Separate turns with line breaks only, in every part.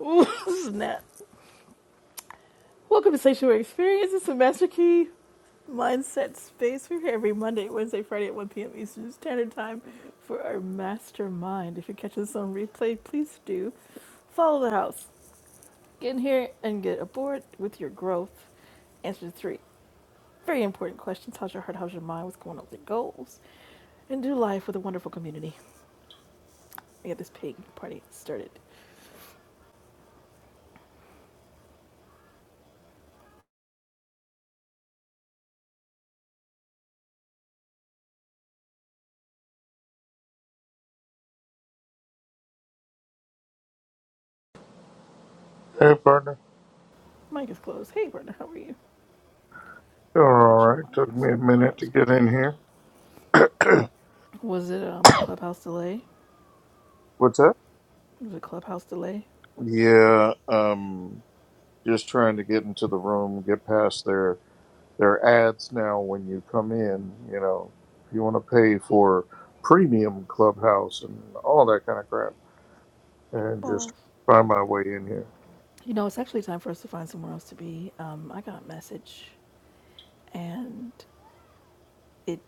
Ooh, snap. Welcome to Sanctuary Experience. It's a Master Key Mindset Space. We're here every Monday, Wednesday, Friday at 1 p.m. Eastern Standard Time for our mastermind. If you catch us on replay, please do follow the house. Get in here and get aboard with your growth. Answer the three very important questions How's your heart? How's your mind? What's going on with your goals? And do life with a wonderful community. We got this pig party started.
Hey, partner.
Mic is closed. Hey, Brenda, how are you?
Doing
Let me
all
get you
right.
modded
Took
so
me
I
a
can be
minute
off
to get in
screen.
here.
Was it um clubhouse delay?
What's up?
It was a clubhouse delay.
Yeah, um, just trying to get into the room, get past their their ads now. When you come in, you know, if you want to pay for premium clubhouse and all that kind of crap, and just
Balls.
find my way in here.
You know, it's actually time for us to find somewhere else to be. Um, I got a message and it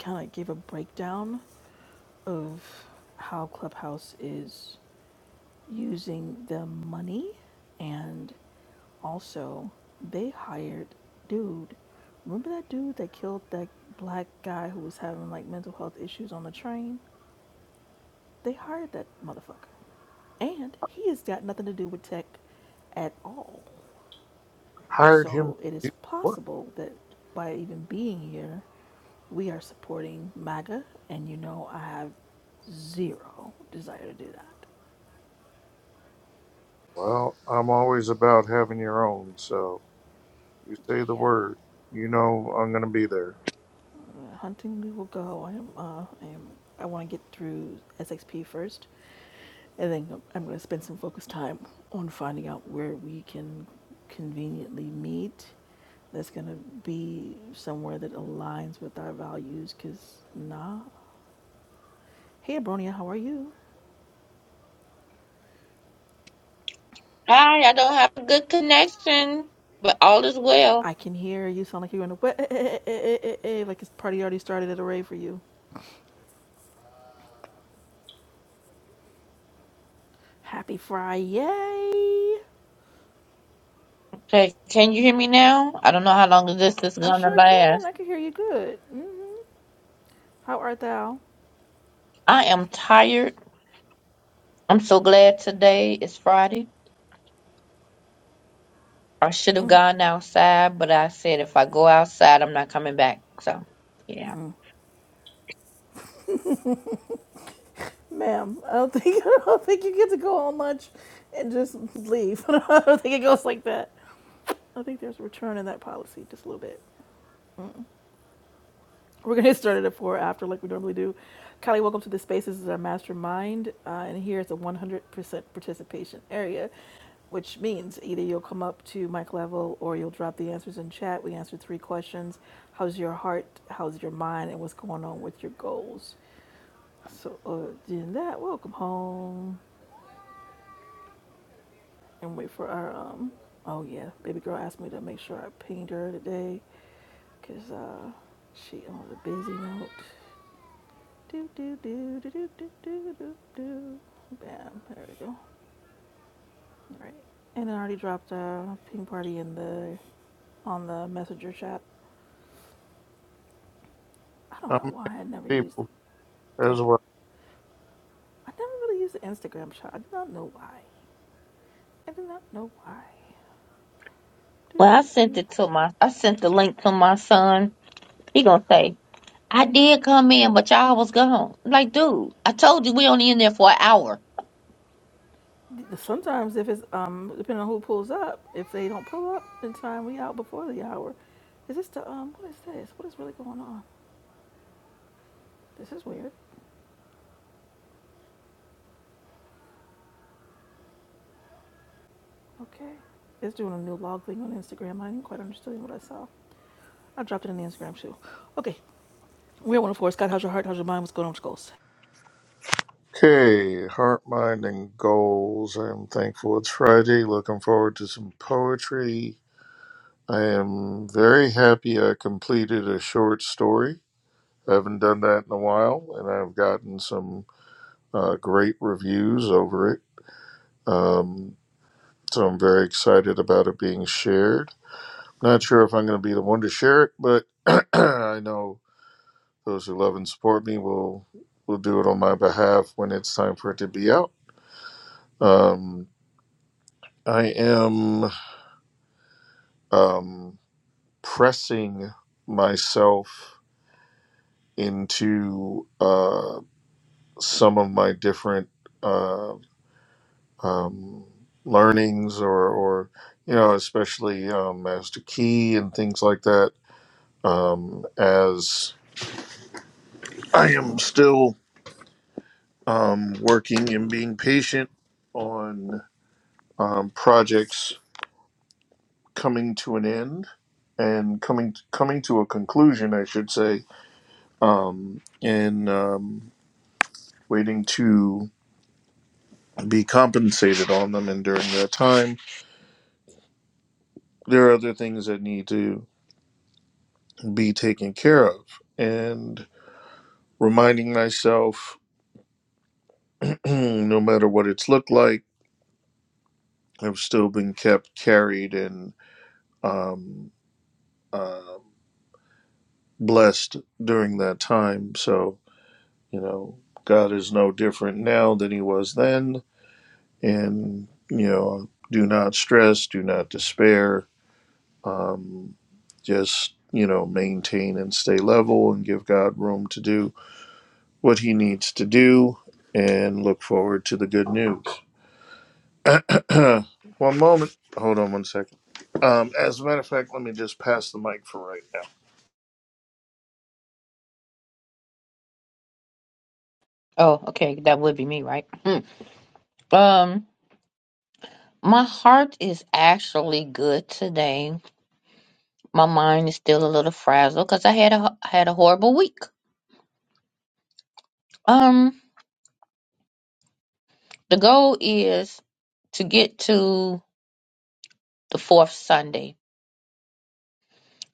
kind of gave a breakdown of how Clubhouse is using the money and also they hired dude. Remember that dude that killed that black guy who was having like mental health issues on the train? They hired that motherfucker. And he has got nothing to do with tech at all.
Hired him.
So it
to do
is
What?
possible that by even being here, we are supporting MAGA, and you know I have zero desire to do that.
Well, I'm always about having your own. So you say the word, you know, I'm gonna be there.
Uh, hunting we will go. I am. Uh, I am. I want to get through SXP first, and then I'm going to spend some focused time on finding out where we can conveniently meet. That's going to be somewhere that aligns with our values. Cause nah. Hey, Abronia, how are you?
Hi, I don't have a good connection, but all is well.
I can hear you sound like you're in a wave, like this party already started at a rave for you. Happy Fry, yay!
Okay, can you hear me now? I don't know how long this is
I
gonna
sure can.
last.
I can hear you good. hmm How art thou?
I am tired. I'm so glad today is Friday. I should have gone outside, but I said if I go outside, I'm not coming back. So, yeah.
Ma'am, I don't think I don't think you get to go on lunch and just leave. I don't think it goes like that. I think there's a return in that policy, just a little bit. Mm-mm. We're gonna get started at four after, like we normally do. Kylie, welcome to the space. This is our mastermind, uh, and here is a 100% participation area. which means either you'll come up to mic level or you'll drop the answers in chat. We answered three questions: How's your heart? How's your mind? And what's going on with your goals? So, uh, doing that, welcome home, and wait for our um. Oh yeah, baby girl asked me to make sure I pinged her today, cause uh, she on the busy note. Do do do do do do do do do. Bam! There we go. All right. And I already dropped a ping party in the on the messenger chat. I don't know
I'm
why I never used
people
the. the
as well.
I never really used the Instagram shot. I do not know why. I do not know why. Do,
Well, I
do,
sent
do.
it to my, I sent the link to my son. He gonna say, I did come in, but y'all was gone. I'm like, dude, I told you we only in there for an hour.
The- Sometimes if it's um depending on who pulls up, if they don't pull up in time, we out before the hour. Is this the um? What is this? What is really going on? This is weird. Okay, it's doing a new log thing on Instagram. I didn't quite understand what I saw. I dropped it in the Instagram too. Okay, we're one of four. Scott, how's your heart? How's your mind? What's going on with your goals?
Okay, heart, mind, and goals. I am thankful it's Friday. Looking forward to some poetry. I am very happy I completed a short story. I haven't done that in a while, and I've gotten some uh, great reviews over it. Um, so I'm very excited about it being shared. Not sure if I'm going to be the one to share it, but I know those who love and support me will will do it on my behalf when it's time for it to be out. Um, I am um, pressing myself into uh, some of my different uh, um, learnings, or, or you know, especially um, Master Key and things like that. Um, as I am still um, working and being patient on um, projects coming to an end and coming coming to a conclusion, I should say um, and um, waiting to be compensated on them. And during that time, there are other things that need to be taken care of. And reminding myself, no matter what it's looked like, I've still been kept carried and um, uh, blessed during that time. So, you know, God is no different now than he was then. And, you know, do not stress, do not despair. Um, just you know maintain and stay level and give god room to do what he needs to do and look forward to the good news one moment hold on one second um, as a matter of fact let me just pass the mic for right now
Oh, okay, that would be me, right? Hmm. Um. My heart is actually good today. My mind is still a little frazzled because I had a had a horrible week. Um, the goal is to get to the fourth Sunday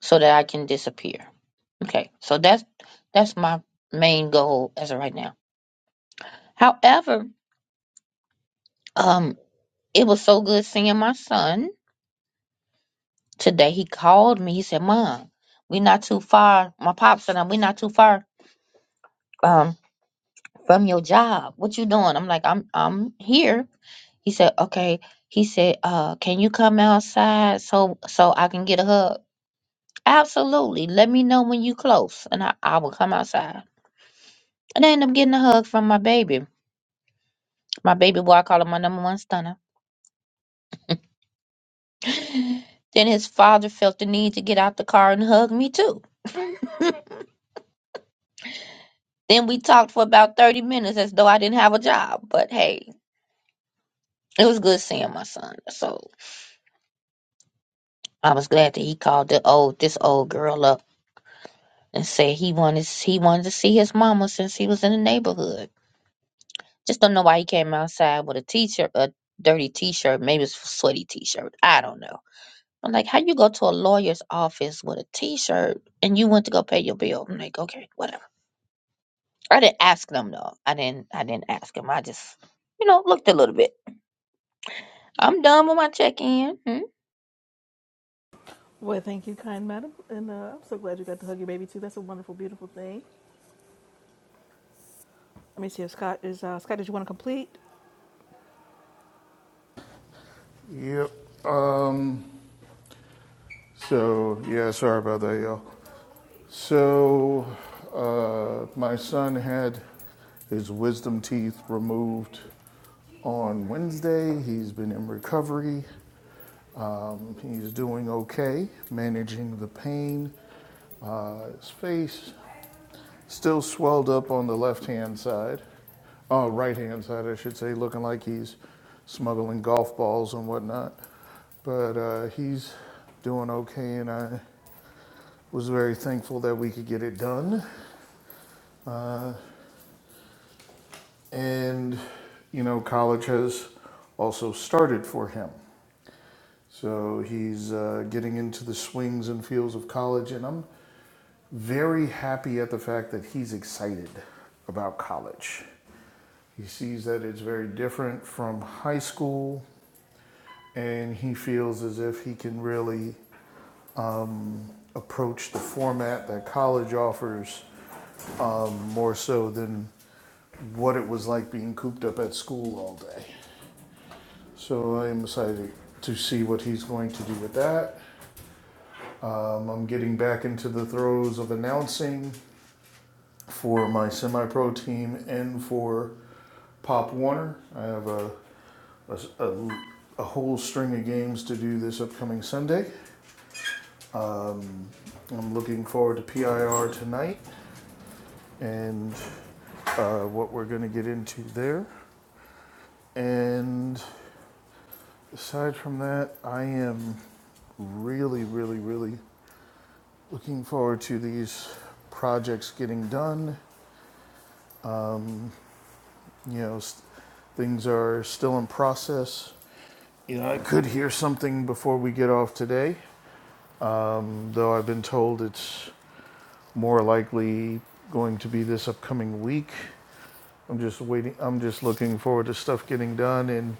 so that I can disappear. Okay, so that's that's my main goal as of right now. However, um, it was so good seeing my son today. He called me. He said, "Mom, we're not too far. My pops and I, we're not too far. Um. from your job. What you doing? I'm like, I'm I'm here. He said, okay. He said, uh, can you come outside so so I can get a hug? Absolutely. Let me know when you close, and I, I will come outside. And I end up getting a hug from my baby. My baby boy, I call him my number one stunner. then his father felt the need to get out the car and hug me too. then we talked for about 30 minutes as though I didn't have a job. But hey, it was good seeing my son. So I was glad that he called the old this old girl up and said he wanted he wanted to see his mama since he was in the neighborhood. Just don't know why he came outside with a t-shirt, a dirty t-shirt, maybe it's a sweaty t-shirt. I don't know. I'm like, how you go to a lawyer's office with a t-shirt and you went to go pay your bill? I'm like, okay, whatever. I didn't ask them though. I didn't. I didn't ask him. I just, you know, looked a little bit. I'm done with my check-in. Hmm?
Well, thank you, kind madam, and uh, I'm so glad you got to hug your baby too. That's a wonderful, beautiful thing. Let me see if Scott is uh, Scott. Did you want to complete?
Yep. Um, so, yeah, sorry about that, y'all. So, uh, my son had his wisdom teeth removed on Wednesday. He's been in recovery. He's doing okay, managing the pain. Uh, his face still swelled up on the left hand side, uh, right hand side, I should say, looking like he's smuggling golf balls and whatnot. But uh, he's doing okay, and I was very thankful that we could get it done. And, you know, college has also started for him. So he's uh, getting into the swings and feels of college, and I'm very happy at the fact that he's excited about college. He sees that it's very different from high school, and he feels as if he can really approach the format that college offers um, more so than what it was like being cooped up at school all day. So I am excited to see what he's going to do with that. Um, I'm getting back into the throes of announcing for my semi pro team and for Pop Warner. I have a, a, a- whole string of games to do this upcoming Sunday. Um, I'm looking forward to PIR tonight and uh, what we're going to get into there. And aside from that, I am really, really, really looking forward to these projects getting done. Um, you know, s things are still in process. You know, I could hear something before we get off today. um, though I've been told it's more likely going to be this upcoming week. I'm just waiting. I'm just looking forward to stuff getting done and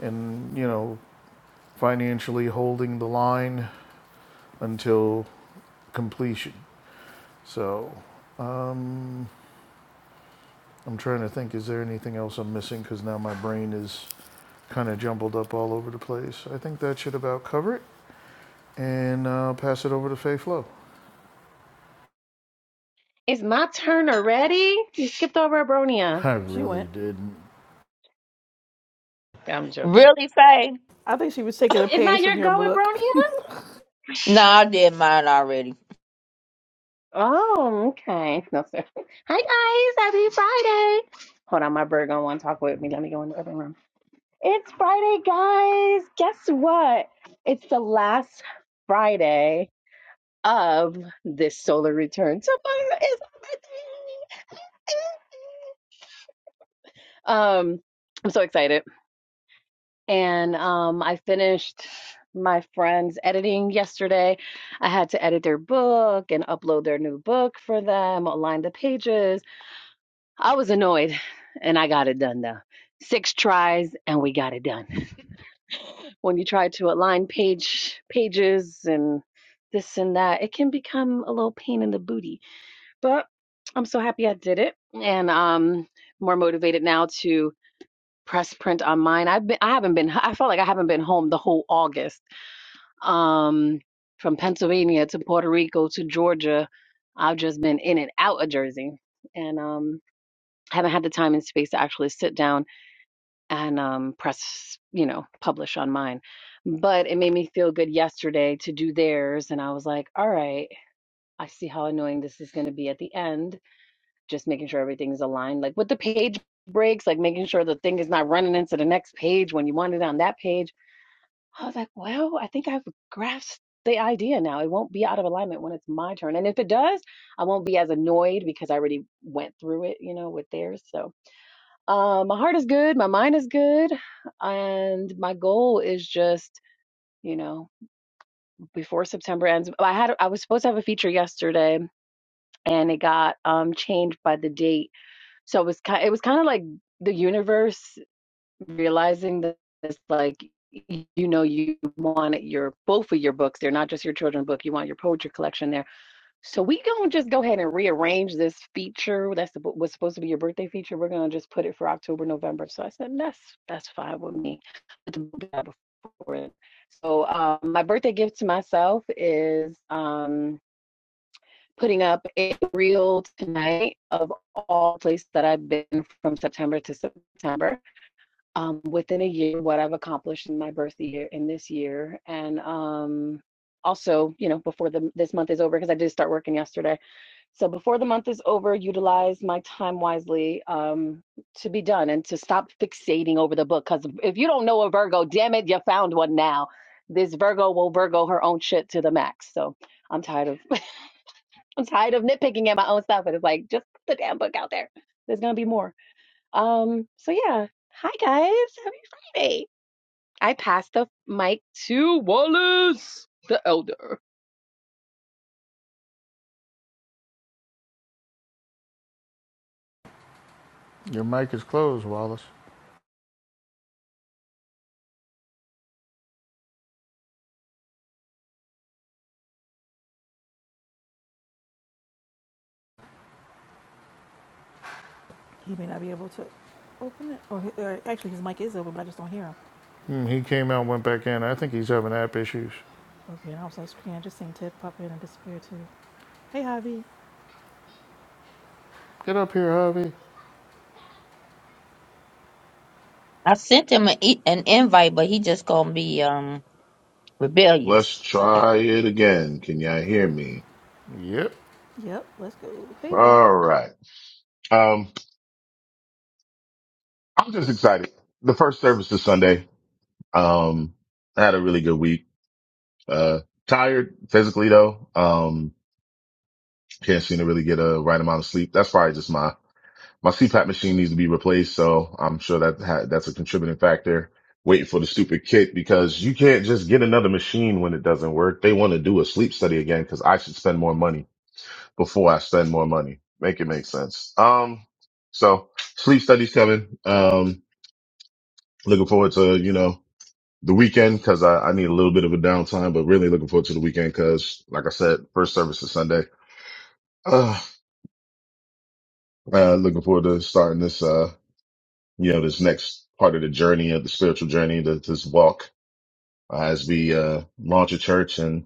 and you know financially holding the line until completion. So um, I'm trying to think. Is there anything else I'm missing? Because now my brain is kind of jumbled up all over the place. I think that should about cover it. And uh, pass it over to Faye Flo.
It's my turn already? You skipped over Abronia.
I
She went.
really didn't.
I'm joking.
Really, Faye?
I think she was taking a
It's not
page from
your
your
go,
book.
Abronia?
No, I did mine already.
Oh, okay. No, sir. Hi, guys. Happy Friday. Hold on, my bird gonna want to talk with me. Let me go in the other room. It's Friday, guys. Guess what? It's the last Friday of this solar return. Tomorrow is my birthday. Um, I'm so excited. and um, I finished my friend's editing yesterday. I had to edit their book and upload their new book for them, align the pages. I was annoyed, and I got it done though. Six tries, and we got it done. When you try to align page pages and this and that, it can become a little pain in the booty. But I'm so happy I did it, and um, more motivated now to press print on mine. I've been, I haven't been, I felt like I haven't been home the whole August um, from Pennsylvania to Puerto Rico to Georgia. I've just been in and out of Jersey, and um, haven't had the time and space to actually sit down and um, press, you know, publish on mine. But it made me feel good yesterday to do theirs, and I was like, all right, I see how annoying this is going to be at the end. Just making sure everything's aligned, like with the page breaks, like making sure the thing is not running into the next page when you want it on that page I was like, well, I think I've grasped the idea now. It won't be out of alignment when it's my turn. And if it does, I won't be as annoyed because I already went through it, you know, with theirs. So uh, my heart is good, my mind is good, and my goal is just, you know, before September ends. I had I was supposed to have a feature yesterday and it got um changed by the date. So it was kind it was kind of like the universe realizing that it's like you know you want your both of your books they're not just your children's book you want your poetry collection there so we gonna just go ahead and rearrange this feature that's the, was supposed to be your birthday feature we're gonna just put it for october november so i said that's that's fine with me before it. so um, my birthday gift to myself is um, putting up a reel tonight of all places that i've been from september to september um, within a year what I've accomplished in my birth year in this year, and um, also you know before the this month is over because I did start working yesterday. So before the month is over, utilize my time wisely um, to be done and to stop fixating over the book. Because if you don't know a Virgo, damn it, you found one now. This Virgo will Virgo her own shit to the max. So I'm tired of I'm tired of nitpicking at my own stuff. And it's like just put the damn book out there. There's gonna be more. Um. So yeah. Hi guys. Happy Friday. I pass the mic to Wallace, the elder.
Your mic is closed, Wallace.
he may not be able to open it, or, or actually, his mic is open, but I just don't hear him.
Mm, he came out, went back in. I think he's having app issues.
Okay, and I was on screen. I just seen Ted pop in and disappear too. Hey, Javi.
Get up here, Harvey.
I sent him an, e- an invite, but he just gonna be um
Let's
rebellious. Okay.
try it again. Can y'all hear me?
Yep.
Yep, let's go. Hey, bro.
All right. Um, I'm just excited. The first service is Sunday. Um, I had a really good week. Uh, tired physically though. Um, can't seem to really get a right amount of sleep. That's probably just my, my CPAP machine needs to be replaced. So I'm sure that ha- that's a contributing factor. Waiting for the stupid kit because you can't just get another machine when it doesn't work. They want to do a sleep study again because I should spend more money before I spend more money. Make it make sense. Um, so sleep studies coming. Um, looking forward to, you know, the weekend because I, I need a little bit of a downtime, but really looking forward to the weekend because like I said, first service is Sunday. Uh, uh, looking forward to starting this, uh, you know, this next part of the journey of the spiritual journey, the, this walk uh, as we, uh, launch a church and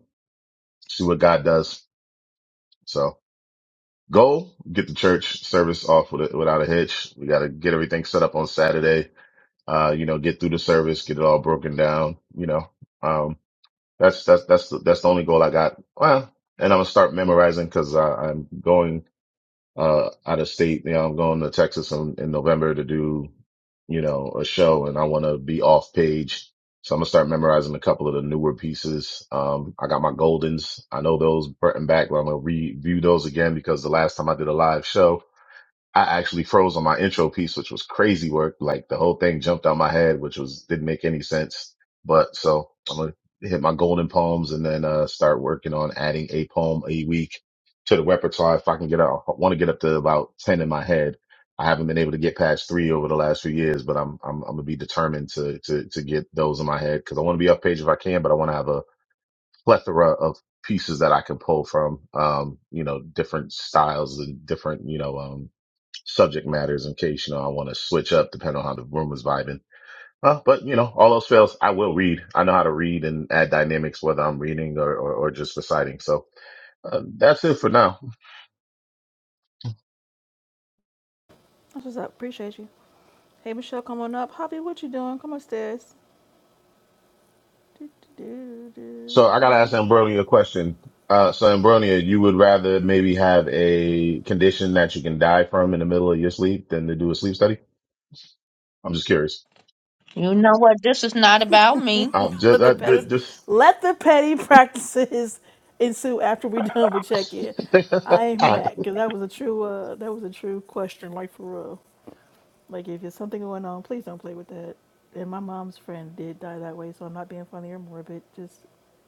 see what God does. So goal, get the church service off with a, without a hitch. We got to get everything set up on Saturday uh, you know, get through the service, get it all broken down, you know. Um, that's, that's, that's, the, that's the only goal I got. Well, and I'm gonna start memorizing cause I, I'm going, uh, out of state. You know, I'm going to Texas in, in November to do, you know, a show and I want to be off page. So I'm gonna start memorizing a couple of the newer pieces. Um, I got my goldens. I know those front and back, but I'm gonna review those again because the last time I did a live show, I actually froze on my intro piece, which was crazy work. Like the whole thing jumped out my head, which was didn't make any sense. But so I'm gonna hit my golden poems and then uh start working on adding a poem a week to the repertoire. If I can get out, I want to get up to about ten in my head. I haven't been able to get past three over the last few years, but I'm I'm, I'm gonna be determined to to to get those in my head because I want to be up page if I can, but I want to have a plethora of pieces that I can pull from, um, you know, different styles and different, you know, um, subject matters in case, you know, I want to switch up depending on how the room is vibing. Uh, but you know, all else fails, I will read. I know how to read and add dynamics, whether I'm reading or, or, or just reciting. So uh, that's it for now.
That's what's up. Appreciate you. Hey, Michelle, come on up. Javi, what you doing? Come upstairs. Do, do, do,
So
do,
I
do.
got to ask Ambronia a question. Uh, so Ambronia, you would rather maybe have a condition that you can die from in the middle of your sleep than to do a sleep study? I'm just curious.
You know what? This is not about me.
I'm just,
let the
I,
petty
ju- just,
let the petty practices ensue after we done with check in. I ain't
I,
mad because that was a true uh that was a true question like for real. Like if there's something going on, please don't play with that. And my mom's friend did die that way, so I'm not being funny or morbid. Just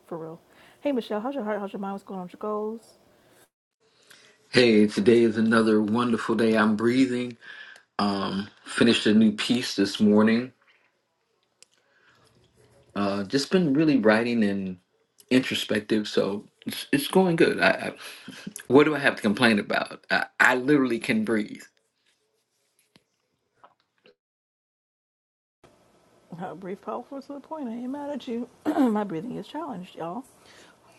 for real. Hey Michelle, how's your heart? How's your mind? What's going on with your goals?
Hey, today is another wonderful day. I'm breathing. Um, finished a new piece this morning. Uh, just been really writing and introspective, so it's, it's going good. I, I, what do I have to complain about? I, I literally can breathe.
Uh, brief, powerful, to the point. I ain't mad at you. my breathing is challenged, y'all.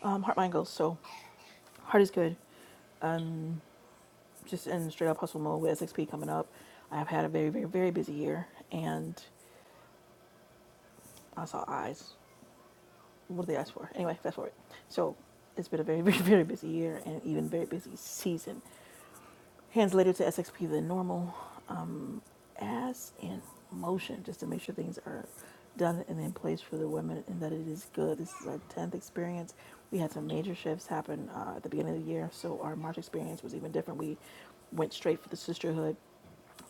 Um, heart, mind, goals. So heart is good. Um, just in straight up hustle mode with SXP coming up. I've had a very, very, very busy year, and I saw eyes. What did they ask for? Anyway, fast forward. So it's been a very, very, very busy year and even very busy season. Hands later to SXP than normal. Um, ass in motion just to make sure things are done and in place for the women and that it is good. This is our 10th experience. We had some major shifts happen uh, at the beginning of the year, so our March experience was even different. We went straight for the sisterhood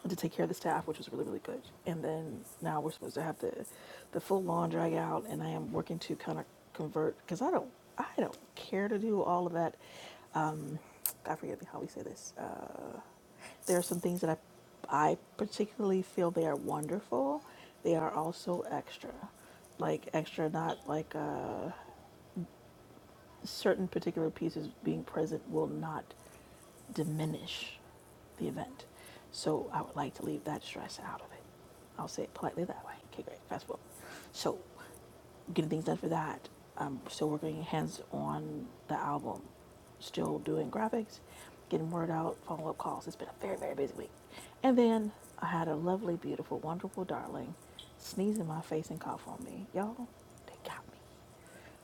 to take care of the staff, which was really really good. And then now we're supposed to have the the full lawn drag out, and I am working to kind of convert because I don't I don't care to do all of that. God forgive me how we say this. Uh, there are some things that I I particularly feel they are wonderful. They are also extra, like extra not like uh, certain particular pieces being present will not diminish the event. So I would like to leave that stress out of it. I'll say it politely that way. Okay, great. Fast forward. So getting things done for that. I'm still working hands on the album, still doing graphics, getting word out, follow up calls. It's been a very, very busy week. And then I had a lovely, beautiful, wonderful darling sneeze in my face and cough on me. Y'all, they got me.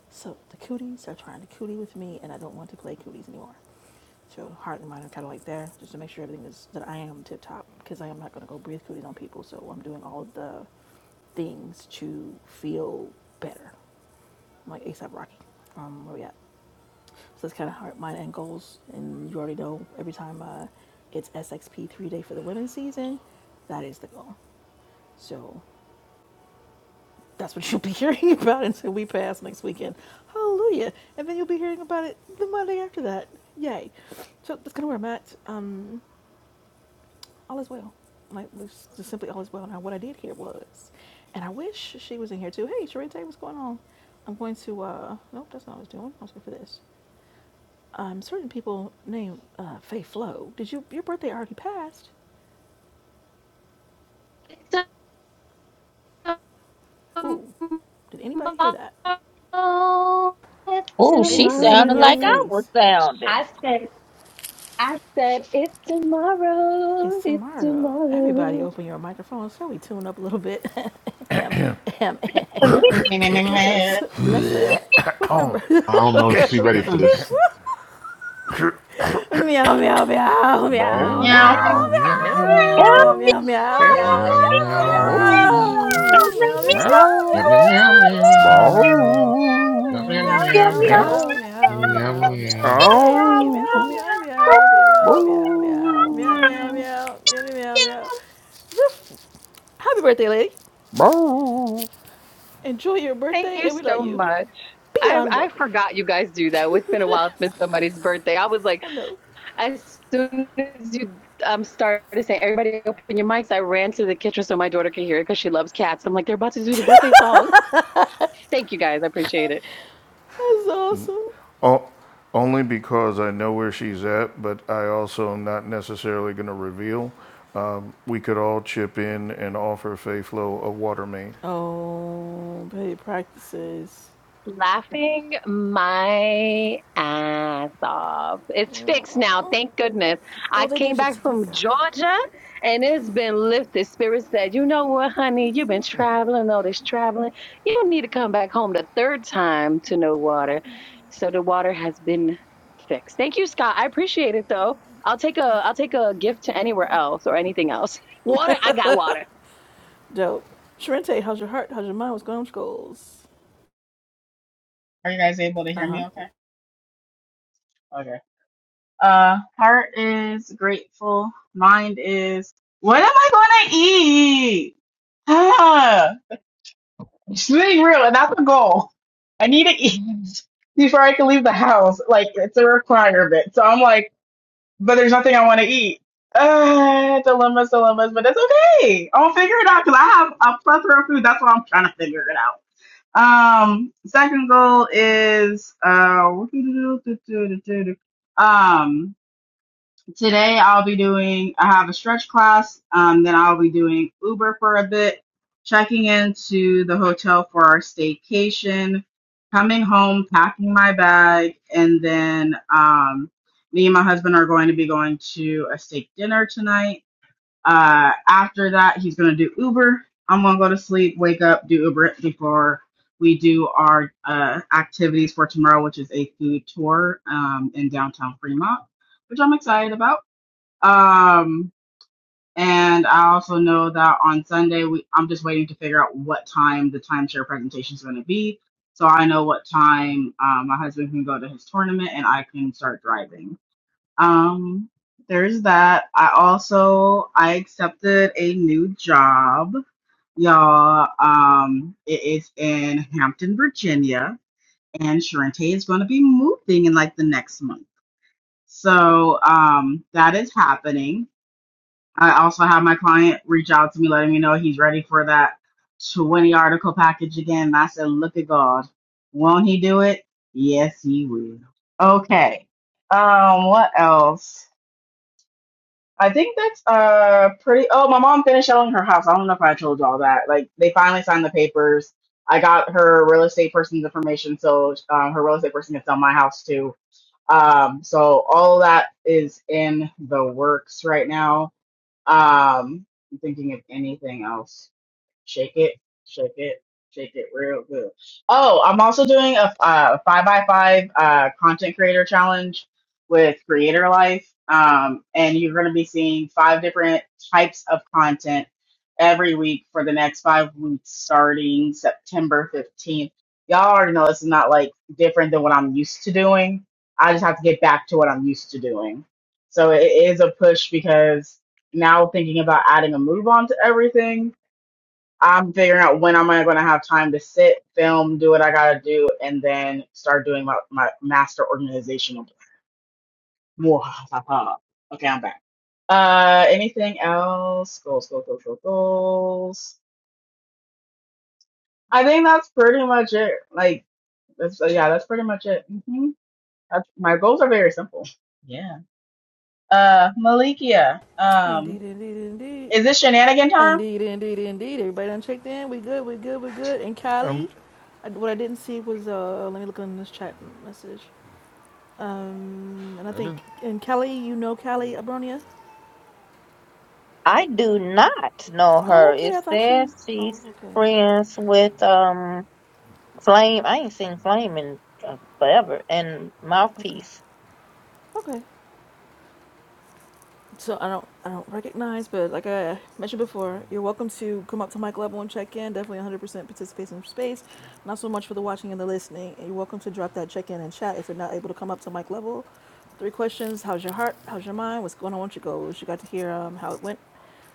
So the cooties are trying to cootie with me, and I don't want to play cooties anymore. So heart and mind are kind of like there, just to make sure everything is that I am tip top, because I am not going to go breathe cooties on people. So I'm doing all of the things to feel better, I'm like ASAP Rocky. Um, where we at? So that's kind of heart, mind, and goals. And you already know every time uh, it's SXP three day for the women's season, that is the goal. So That's what you'll be hearing about until we pass next weekend. Hallelujah. And then you'll be hearing about it the Monday after that. Yay. So that's kind of where I'm at. Um, all is well. Like, just simply all is well. Now, what I did here was, and I wish she was in here too. Hey, Sharente, what's going on? I'm going to, uh, nope, that's not what I was doing. I was going for this. Um, certain people named uh, Faye Flo. Did you, your birthday already passed? Ooh, did anybody hear that?
Oh, she
What?
Matrix is eating
sounded
your
like I was
face.
sounding.
I said, I said, it's,
It's
it's,
tomorrow. Everybody open your microphones. Shall we tune up a little bit? Ahem, ahem, ahem. Let us bless her with her
Oh,
birth.
I don't know
With
if she's ready for
Mm.
this.
her- Meow, meow, meow, meow, meow,
Meow,
meow.
Meow.
meow,
bro.
meow, meow.
Meow,
Meow.
meow, meow,
Meow,
Meow.
meow,
meow,
meow, meow.
meow, meow,
Bow.
meow, meow.
Meow,
Meow,
Meow,
Meow.
meow, meow, meow, meow, meow. Meow, meow,
Bow.
meow, meow,
meow,
meow,
meow,
meow.
meow, meow,
Meow.
meow, meow. Meow, meow, meow, meow,
Meow, meow.
meow, meow.
meow.
Hey, meow,
Oh.
meow,
meow.
meow, meow, meow, meow. Meow, meow,
Bow.
meow, meow, meow, meow, meow. Woof. Happy birthday, lady.
Bow.
Enjoy your
Thank
birthday,
you
and we love
so
you.
much. I
Beyond
I
welcome.
forgot you guys do that. It's been a while since somebody's birthday. I was like,
I know.
as soon as you um started saying everybody open your mics, I ran to the kitchen so my daughter could hear it because she loves cats. I'm like, they're about to do the birthday song. Thank you guys. I appreciate it.
That's awesome.
O- only because I know where she's at, but I also am not necessarily going to reveal. Um, we could all chip in and offer Fayflow a water main.
Oh, paid practices.
Laughing my ass off. It's fixed now, thank goodness. I
Oh, they
came
did fix
back
it. Thank
from
God.
Georgia and it's been lifted. Spirit said, You know what, honey? You've been traveling, all this traveling. You don't need to come back home the third time to no water. So the water has been fixed. Thank you, Scott. I appreciate it though. I'll take a
That's
I'll take
dope.
a gift to anywhere else or anything else. Water, I got water.
Dope. Sharente, how's your heart? How's your mind? What's going on, schools?
Are you guys able to
Uh
hear
huh.
me okay? Okay. Uh, heart is grateful. Mind is, what am I going to eat? It's being real, and that's the goal. I need to eat before I can leave the house. Like it's a requirement. So I'm like, but there's nothing I want to eat. Uh, dilemmas, dilemmas, but that's okay. I'll figure it out because I have a plethora of food. That's why I'm trying to figure it out. Um, second goal is uh, um, Today I'll be doing, I have a stretch class, um, then I'll be doing Uber for a bit, checking into the hotel for our staycation, coming home, packing my bag, and then um, me and my husband are going to be going to a steak dinner tonight. Uh, after that, he's going to do Uber. I'm going to go to sleep, wake up, do Uber before we do our uh, activities for tomorrow, which is a food tour um, in downtown Fremont, which I'm excited about. Um, and I also know that on Sunday we I'm just waiting to figure out what time the timeshare presentation is going to be, so I know what time um, my husband can go to his tournament and I can start driving. Um, there's that. I also I accepted a new job, y'all. Um, it is in Hampton, Virginia, and Sharente is going to be moving in like the next month. So um, that is happening I also had my client reach out to me, letting me know he's ready for that 20 article package again. And I said, look at God. Won't he do it? Yes, he will. Okay. Um, what else? I think that's uh pretty oh my mom finished selling her house. I don't know if I told y'all that. Like they finally signed the papers. I got her real estate person's information so um, her real estate person can sell my house too. Um so all of that is in the works right now. Um, I'm thinking of anything else. Shake it, shake it, shake it real good. Oh, I'm also doing a uh, five by five uh, content creator challenge with Creator Life, um, and you're going to be seeing five different types of content every week for the next five weeks, starting September 15th. Y'all already know this is not like different than what I'm used to doing. I just have to get back to what I'm used to doing. So it is a push because now thinking about adding a move on to everything I'm figuring out when am I going to have time to sit, film, do what I got to do, and then start doing my, my master organizational plan. Mwahaha. okay, I'm back. Uh, anything else? Goals, goals, goals, goals, goals. I think that's pretty much it. Like, that's uh, yeah, that's pretty much it. hmm That's, my goals are very simple. Yeah. Uh, Malikia, um,
Indeed, indeed, indeed.
is this shenanigan time?
Indeed, indeed, indeed. Everybody done checked in. We good, we good, we good. And
Um,
Kylie, I, what I didn't see was, uh, let me look on this chat message. Um, and I
I
think,
didn't,
and Kelly, you know Kelly Abronia?
I do not know
Oh,
her. It
okay. I thought
says
you. Oh,
she's
okay.
friends with um Flame. I ain't seen Flame in uh, forever. And
Okay.
Mouthpiece.
Okay. So I don't I don't recognize, but like I mentioned before, you're welcome to come up to mic level and check in. Definitely 100% participation in space. Not so much for the watching and the listening. And you're welcome to drop that check in and chat if you're not able to come up to mic level. Three questions: How's your heart? How's your mind? What's going on with your goals? You got to hear um, how it went.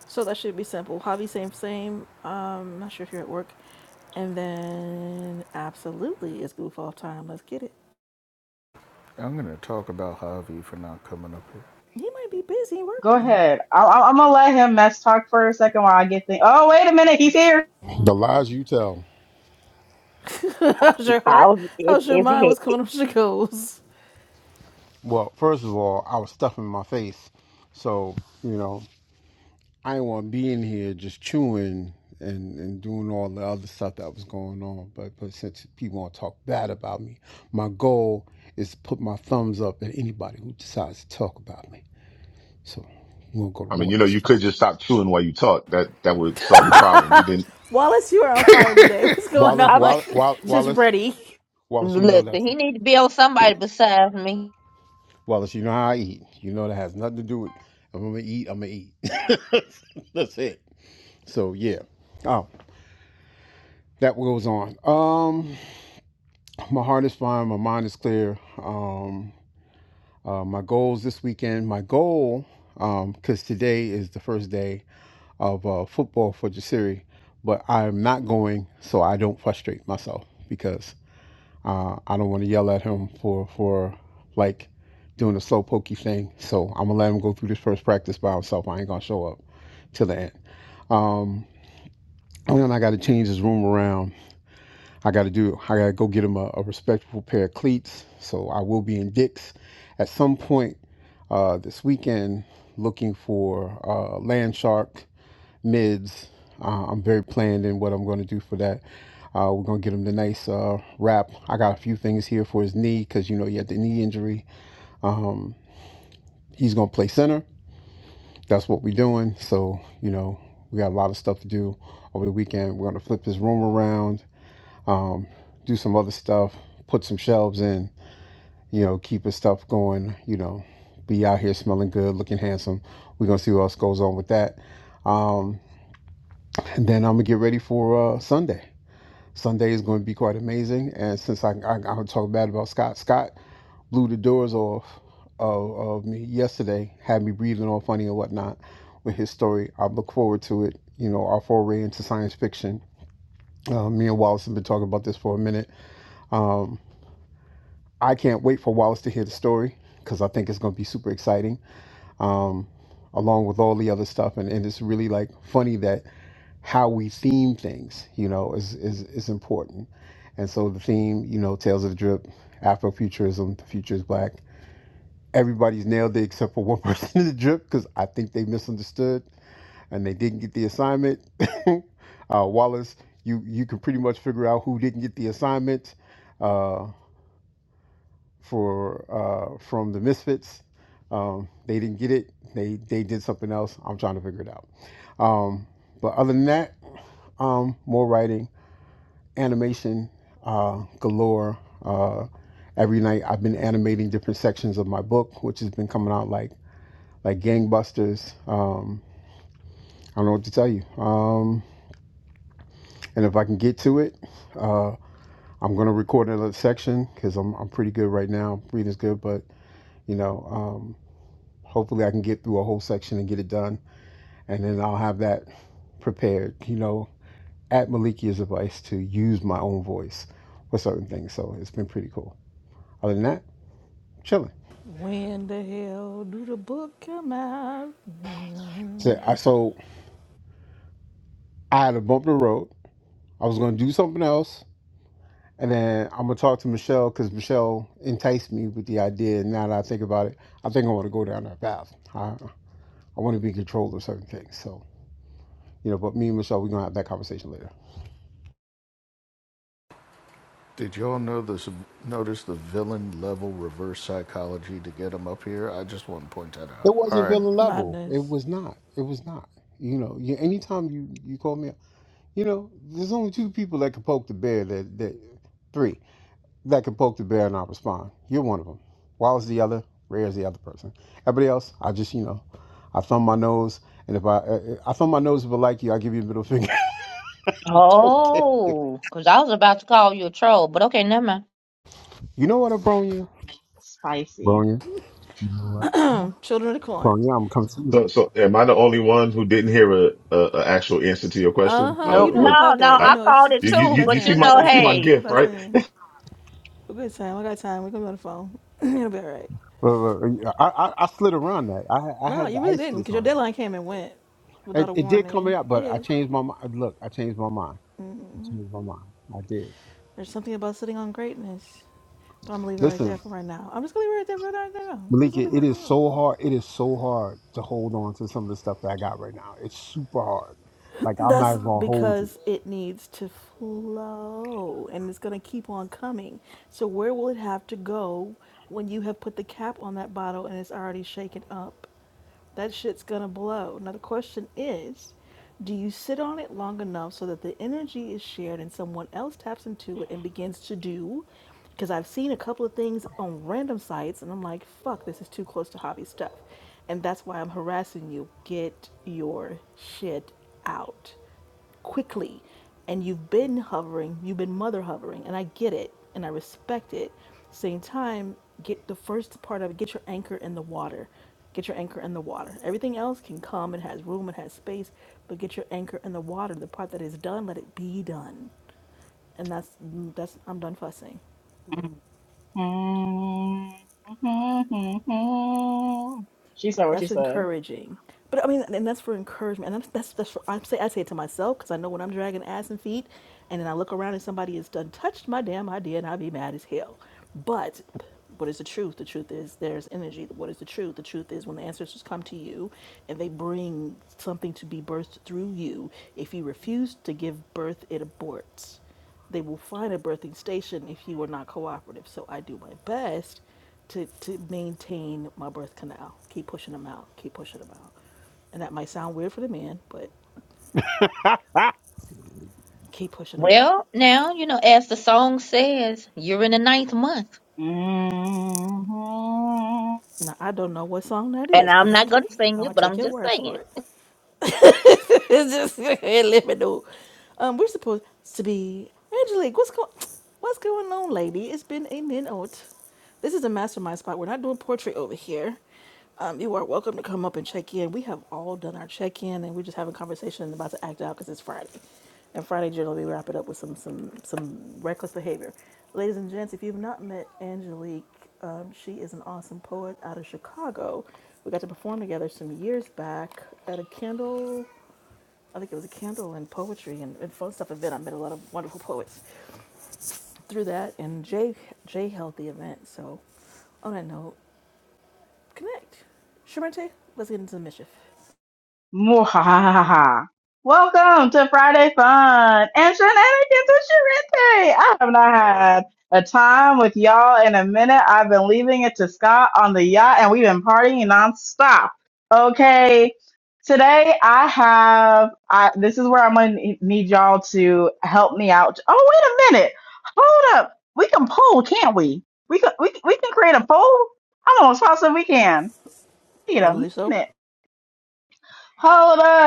So that should be simple. Javi, same, same. Um, not sure if you're at work. And then absolutely, it's goof off time. Let's get it.
I'm going to talk about Javi for not coming up here.
He might be busy
Go
working.
ahead. I, I, I'm gonna let him mess talk for a second while I get things. Oh, wait a minute, he's here.
The
Okay.
lies you tell.
How's your
I
heart?
was, if
How's your
if
mind?
he,
What's going on with your goals?
Well, first of all, I was stuffing my face. So, you know, I didn't want to be in here just chewing and, and doing all the other stuff that was going on. But, but since people want to talk bad about me, my goal is to put my thumbs up at anybody who decides to talk about me. So we're going to go to
I mean,
war.
you know,
this
you
time.
could just stop chewing while you talk. That that would solve the problem. We didn't.
Wallace, you are on fire today. What's going
Wallace,
I mean.
on?
Wallace, Wallace,
Just
Wallace,
ready.
Wallace, you know
Listen,
that.
he need to be on somebody besides me.
Wallace, you know how I eat. You know that has nothing to do with if I'm going to eat, I'm going to eat. That's it. So, yeah. Oh. that goes on. Um, my heart is fine. My mind is clear. Um, uh, my goals this weekend. My goal, um, because today is the first day of uh, football for Jasiri, but I'm not going so I don't frustrate myself because uh, I don't want to yell at him for for like doing a slow pokey thing. So I'm gonna let him go through this first practice by himself. I ain't gonna show up till the end. Um, and then I got to change his room around I got to do. I got to go get him a, a respectable pair of cleats. So I will be in Dick's at some point uh, this weekend, looking for uh, Land Shark mids. Uh, I'm very planned in what I'm going to do for that. Uh, we're gonna get him the nice uh, wrap. I got a few things here for his knee because you know he had the knee injury. Um, he's gonna play center. That's what we're doing. So you know we got a lot of stuff to do over the weekend. We're gonna flip his room around um, do some other stuff, put some shelves in, you know, keep his stuff going, you know, be out here smelling good, looking handsome. We're gonna see what else goes on with that. Um, and then I'm gonna get ready for uh, Sunday. Sunday is going to be quite amazing. And since I, I I'll talk bad about Scott, Scott blew the doors off of, of me yesterday, had me breathing all funny and whatnot with his story. I look forward to it. You know, our foray into science fiction. Uh, me and Wallace have been talking about this for a minute. Um, I can't wait for Wallace to hear the story because I think it's going to be super exciting, um, along with all the other stuff. And, and it's really like funny that how we theme things, you know, is, is, is important. And so the theme, you know, Tales of the Drip, Afrofuturism, the future is black. Everybody's nailed it except for one person in the drip because I think they misunderstood and they didn't get the assignment. uh, Wallace, you, you can pretty much figure out who didn't get the assignment Uh, for uh, from the Misfits. Um, they didn't get it. They they did something else. I'm trying to figure it out. Um, but other than that, um, more writing, animation uh, galore. Uh, every night I've been animating different sections of my book, which has been coming out like like gangbusters. Um, I don't know what to tell you. Um, and if I can get to it, uh, I'm gonna record another section because I'm I'm pretty good right now. Reading's good, but you know. Um, Hopefully, I can get through a whole section and get it done, and then I'll have that prepared. You know, at Malikia's advice to use my own voice for certain things. So it's been pretty cool. Other than that, chilling.
When the hell do the book come out?
So I, so I had a bump in the road. I was going to do something else, and then I'm gonna talk to Michelle because Michelle enticed me with the idea. And now that I think about it, I think I want to go down that path. I I want to be in control of certain things. So you know, but me and Michelle, we're gonna have that conversation later.
Did y'all know this? Notice the villain level reverse psychology to get him up here. I just want to point that out.
It
All
wasn't
right.
villain level. It
Madness.
was not. It was not. You know, you, anytime you you call me, up, you know, there's only two people that can poke the bear. That that three that can poke the bear and I respond. You're one of them. Wild's the other. Rare's the other person. Everybody else, I just you know, I thumb my nose, and if I uh, uh, I thumb my nose if I like you, I give you a middle finger. I don't care. You
Oh, 'cause I was about to call you a troll, but okay, never mind.
know what, I Abronia?
Spicy.
Bronya,
Children of the Corn.
Bronya, I'm coming to you.
So, so am I the only one who didn't hear a, a, a actual answer to your
Uh
question?
huh.
Uh,
You
Nope.
know I
what
No,
called
no,
that. You
I
I
know, it's
called it
you,
just,
you
who
too,
you
got
you
but
see
you
time? Who
my
know,
got
you see my
time?
hey,
Who
gift
got
right?
time? Who got time? I got time. We're gonna be on the phone. It'll be all right.
Uh, I, I I slid around that. I I
No,
had the
you really
ice
didn't,
kiss
because your
on it.
deadline came and went without
It,
a
it did come
warning.
out, but I
Okay.
changed my mind. Look, I changed my mind. I changed my mind. I did.
There's something about sitting on greatness. But I'm gonna leave it right there
Listen,
for right now. I'm just gonna leave it right there for right now. We're just
Malika,
gonna leave it
it
right
is
there.
so hard. It is so hard to hold on to some of the stuff that I got right now. It's super hard. Like I'm not
That's
even gonna hold you.
because it needs to flow and it's going to keep on coming. So, where will it have to go when you have put the cap on that bottle and it's already shaken up? That shit's going to blow. Now, the question is do you sit on it long enough so that the energy is shared and someone else taps into it and begins to do? because I've seen a couple of things on random sites and I'm like, fuck, this is too close to hobby stuff. And that's why I'm harassing you. Get your shit out quickly. And you've been hovering, you've been mother hovering, and I get it and I respect it. Same time, get the first part of it, get your anchor in the water. Get your anchor in the water. Everything else can come, it has room, it has space, but get your anchor in the water. The part that is done, let it be done. And that's that's I'm done fussing.
She said
up.
what she
That's
said.
encouraging. But I mean, and that's for encouragement. And I'm, that's that's for, I say I say it to myself because I know when I'm dragging ass and feet, and then I look around and somebody has done touched my damn idea, and I be mad as hell. But what is the truth? The truth is there's energy. What is the truth? The truth is when the ancestors come to you and they bring something to be birthed through you. If you refuse to give birth, it aborts they will find a birthing station if you are not cooperative. So I do my best to, to maintain my birth canal. Keep pushing them out. Keep pushing them out. And that might sound weird for the men, but keep pushing them out.
well, now you know, as the song says, you're in the ninth month,
Now, I don't know what song that
and
is, but
I'm not gonna
okay.
sing
I'm
it,
going to
but
take
I'm
your
just
word for
saying,
it. it's just let me know. Um, we're supposed to be Angelique. What's going What's going on, lady? It's been a minute. This is a mastermind spot. We're not doing portrait over here. Um, you are welcome to come up and check in. We have all done our check in, and we're just having conversation and about to act out because it's Friday. And Friday generally we wrap it up with some some some reckless behavior. Ladies and gents, if you've not met Angelique, um, she is an awesome poet out of Chicago. We got to perform together some years back at a Kindle. I think it was a candle and poetry and, and fun stuff event. I met a lot of wonderful poets through that, and Jay Jay held the event. So, on that note, connect. Shermente, let's get into the mischief.
Mwahaha. Welcome to Friday Fun and Shenanigans and Sharente. I have not had a time with y'all in a minute. I've been leaving it to Scott on the yacht and we've been partying nonstop. Okay. Today I have, I, this is where I'm going to need y'all to help me out. Oh, wait a minute. Hold up. We can poll, can't we? We can, we, we can create a poll. I'm almost positive we can. Wait
I
a
believe so.
minute. Hold up.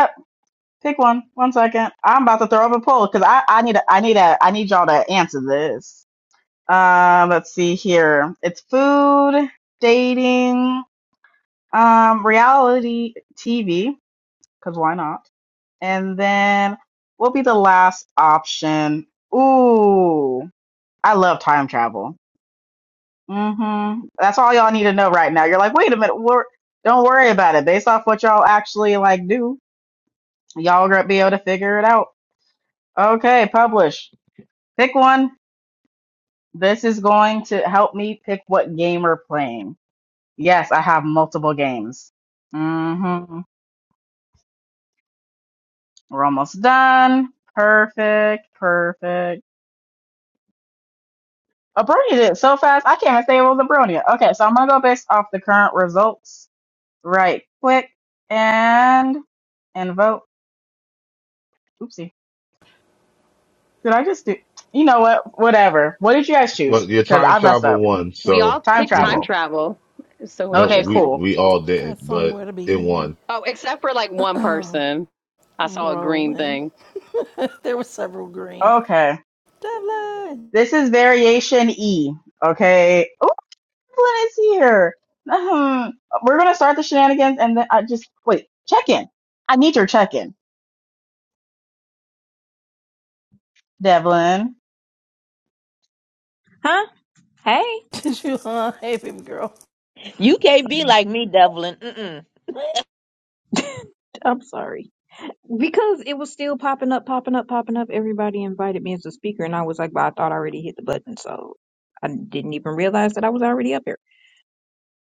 Pick one. One second. I'm about to throw up a poll because I, I need a, I need a I need y'all to answer this. Um, let's see here. It's food, dating, um, reality TV, because why not? And then what will be the last option? Ooh, I love time travel. Mm-hmm. That's all y'all need to know right now. You're like, wait a minute, wor- don't worry about it. Based off what y'all actually like do, y'all gonna be able to figure it out. Okay, publish. Pick one. This is going to help me pick what game we're playing. Yes, I have multiple games. Mm-hmm. We're almost done. Perfect. Perfect. Abronia did it so fast. I can't even say it was Abronia. Okay, so I'm gonna go based off the current results. Right. Click and and vote. Oopsie. Did I just do? You know what? Whatever. What did you guys
Well,
choose?
Your
Because
time
I messed
travel
up.
won,
We all
so
Time
picked
you
time
know
travel.
travel. It's so
no
Okay.
we
interesting.
Cool.
we all
Got
didn't, but
somewhere to
it
be.
won.
Oh, except for like one person. I
I'm
saw a green
rolling.
thing.
there were several green.
Okay.
Devlin,
This is variation E. Okay. Oh, Evelyn is here. Ahem. We're gonna start the shenanigans, and then I just wait. Check in. I need your check in, Devlin.
Huh? Hey,
did you? Huh? Hey, baby girl.
you can't be like me, Devlin. Mm-mm.
I'm sorry. Because it was still popping up, popping up, popping up. Everybody invited me as a speaker, and I was like, "But I thought I already hit the button, so I didn't even realize that I was already up here."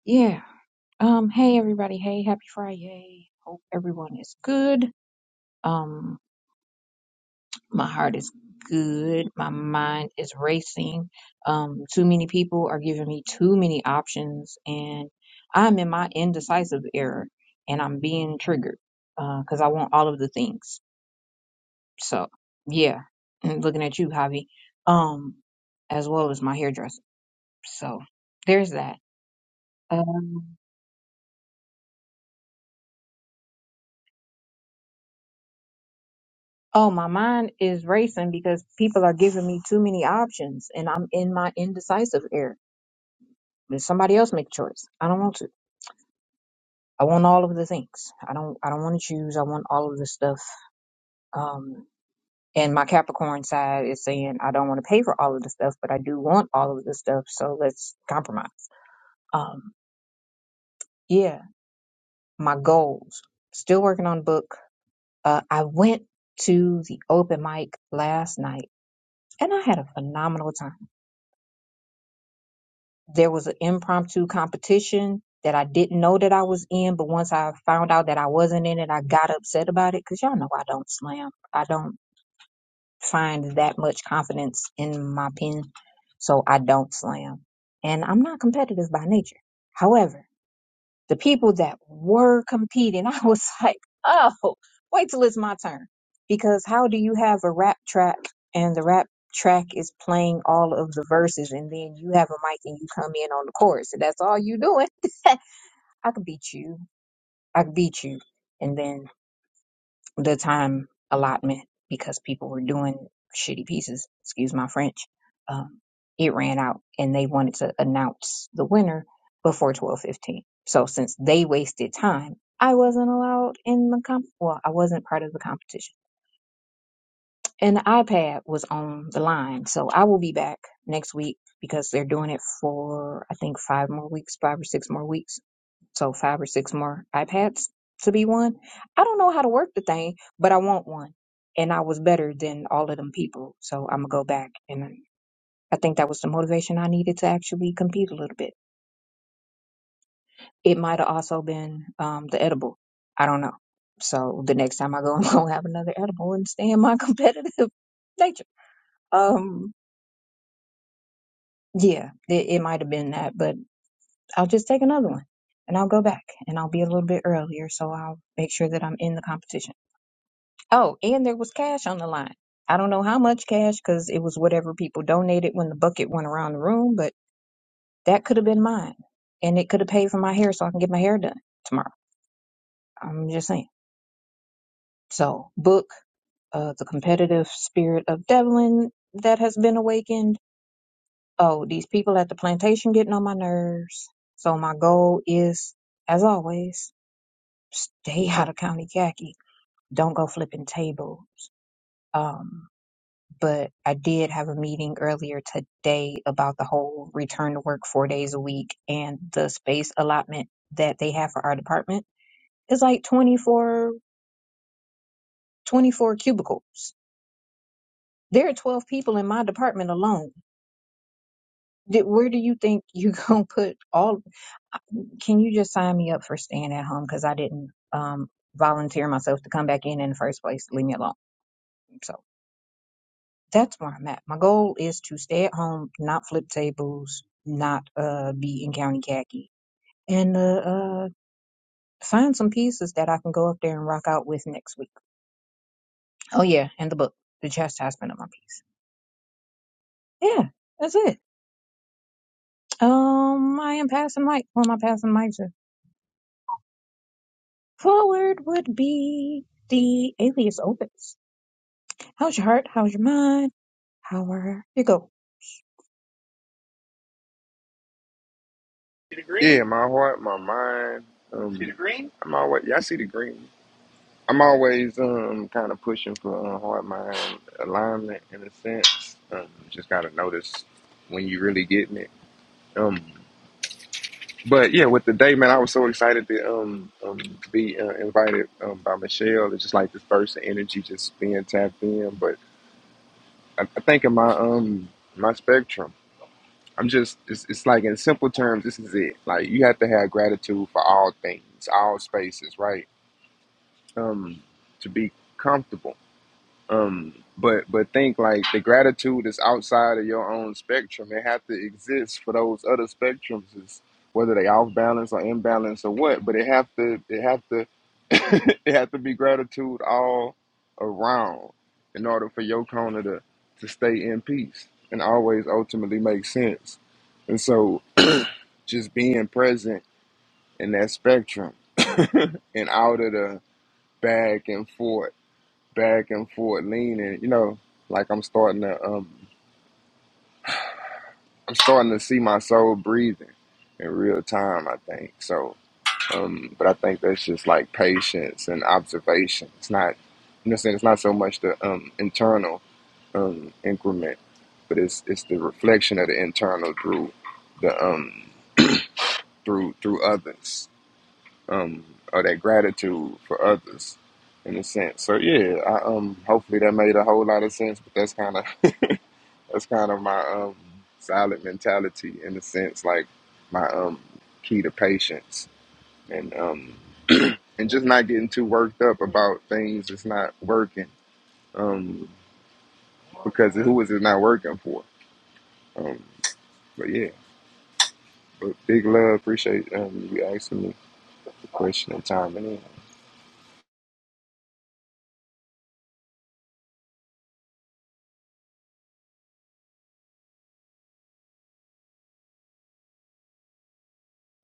Yeah. Um. Hey, everybody. Hey, happy Friday. Hope everyone is good. Um. My heart is good. My mind is racing. Um. Too many people are giving me too many options, and I'm in my indecisive era, and I'm being triggered because I want all of the things So yeah, looking at you, Javi, um, as well as my hairdresser. So there's that. Um, oh, my mind is racing because people are giving me too many options, and I'm in my indecisive era. Let somebody else make a choice. I don't want to. I want all of the things. I don't. I don't want to choose. I want all of the stuff. Um, and my Capricorn side is saying I don't want to pay for all of the stuff, but I do want all of the stuff. So let's compromise. Um, yeah. my goals. Still working on the book. Uh, I went to the open mic last night and I had a phenomenal time. There was an impromptu competition that I didn't know that I was in, but once I found out that I wasn't in it, I got upset about it because y'all know I don't slam. I don't find that much confidence in my pen, so I don't slam. And I'm not competitive by nature. However, The people that were competing, I was like, oh, wait till it's my turn. Because how do you have a rap track and the rap track is playing all of the verses and then you have a mic and you come in on the chorus and that's all you doing? I could beat you. I could beat you. and then the time allotment because people were doing shitty pieces, excuse my French. Um, it ran out and they wanted to announce the winner before 12:15. So since they wasted time, I wasn't allowed in the comp well, I wasn't part of the competition and the iPad was on the line. So I will be back next week because they're doing it for I think five more weeks, five or six more weeks. So five or six more iPads to be won. I don't know how to work the thing, but I want one. And I was better than all of them people. So I'm gonna go back and I think that was the motivation I needed to actually compete a little bit. It might have also been um, the edible. I don't know. So the next time I go, I'm gonna have another edible and stay in my competitive nature. Um, Yeah, it, it might have been that, but I'll just take another one and I'll go back and I'll be a little bit earlier so I'll make sure that I'm in the competition. Oh, and there was cash on the line. I don't know how much cash because it was whatever people donated when the bucket went around the room, but that could have been mine and it could have paid for my hair so I can get my hair done tomorrow. I'm just saying. So, book, uh, the competitive spirit of Devlin that has been awakened oh, these people at the plantation getting on my nerves. So my goal is, as always, stay out of county khaki. Don't go flipping tables. Um, but I did have a meeting earlier today about the whole return to work four days a week and the space allotment that they have for our department is like 24, 24 cubicles. There are 12 people in my department alone Did, where do you think you gonna put all? uh, Can you just sign me up for staying at home because I didn't um volunteer myself to come back in in the first place. Leave me alone. So that's where I'm at. My goal is to stay at home, not flip tables, not uh be in county khaki, and uh, uh find some pieces that I can go up there and rock out with next week. Oh yeah, and the book, The Chastisement of My Peace. Yeah, that's it. Um, I am passing mic. Who am I passing mic to? Forward would be the alias opus. How's your heart? How's your mind? How are you? Go.
See the green? Yeah, my heart, my mind. See Um, the Um, green? I'm always. yeah, I see the green. I'm always um kind of pushing for uh, heart mind alignment in a sense. Um, just gotta notice when you really getting it. Um, but yeah, with the day, man, I was so excited to um, um be uh, invited um by Michelle. It's just like this burst of energy, just being tapped in. But I, I think of my um my spectrum. I'm just it's, it's like in simple terms, this is it. Like you have to have gratitude for all things, all spaces, right? Um, to be comfortable. Um, but but think like the gratitude is outside of your own spectrum. It have to exist for those other spectrums, is whether they off balance or imbalance or what. But it have to it have to it have to be gratitude all around in order for your corner to to stay in peace and always ultimately make sense. And so just being present in that spectrum and out of the back and forth, back and forth, leaning, you know, like I'm starting to um I'm starting to see my soul breathing in real time, I think. So um but I think that's just like patience and observation. It's not you know saying it's not so much the um internal um increment, but it's it's the reflection of the internal through the um through through others. um, or that gratitude for others in a sense. So yeah, I um hopefully that made a whole lot of sense, but that's kind of that's kind of my um silent mentality in a sense, like my um key to patience and um and just not getting too worked up about things that's not working. Um because who is it not working for? Um but yeah. But big love, appreciate um you asking me the question and time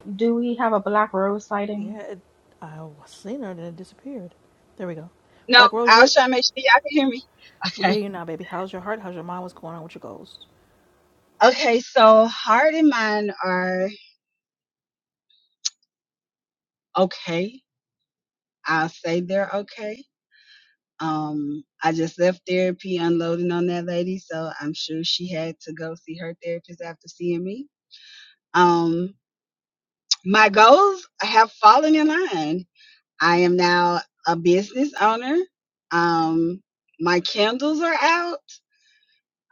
Do we have a black rose sighting?
Yeah, it, I seen her and it disappeared. There we go.
No,
Black Rose,
I was trying to make sure y'all can hear me.
we
Okay.
get you now, baby. How's your heart? How's your mind? What's going on with your goals?
Okay, so heart and mind are okay. I'll say they're okay. Um, I just left therapy unloading on that lady, so I'm sure she had to go see her therapist after seeing me. Um, my goals have fallen in line. I am now a business owner. Um, my candles are out.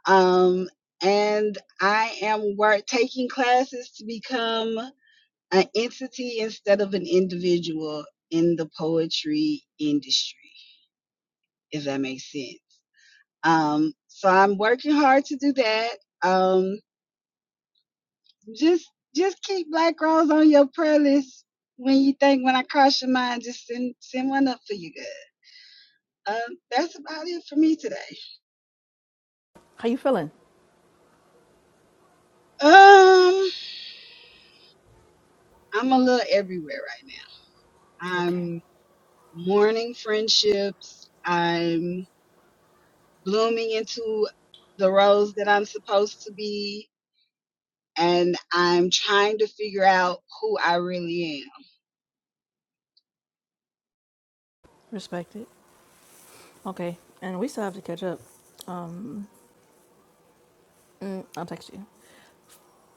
Um, and I am work taking classes to become an entity instead of an individual in the poetry industry, if that makes sense. Um, so I'm working hard to do that. Um, just just keep black girls on your prayer list when you think when I cross your mind, just send send one up for you guys. Um, that's about it for me today.
How you feeling?
Um, I'm a little everywhere right now.
Okay.
I'm mourning friendships. I'm blooming into the roles that I'm supposed to be and I'm trying to figure out who I really am.
Respect it. Okay. And we still have to catch up. Um, mm, I'll text you.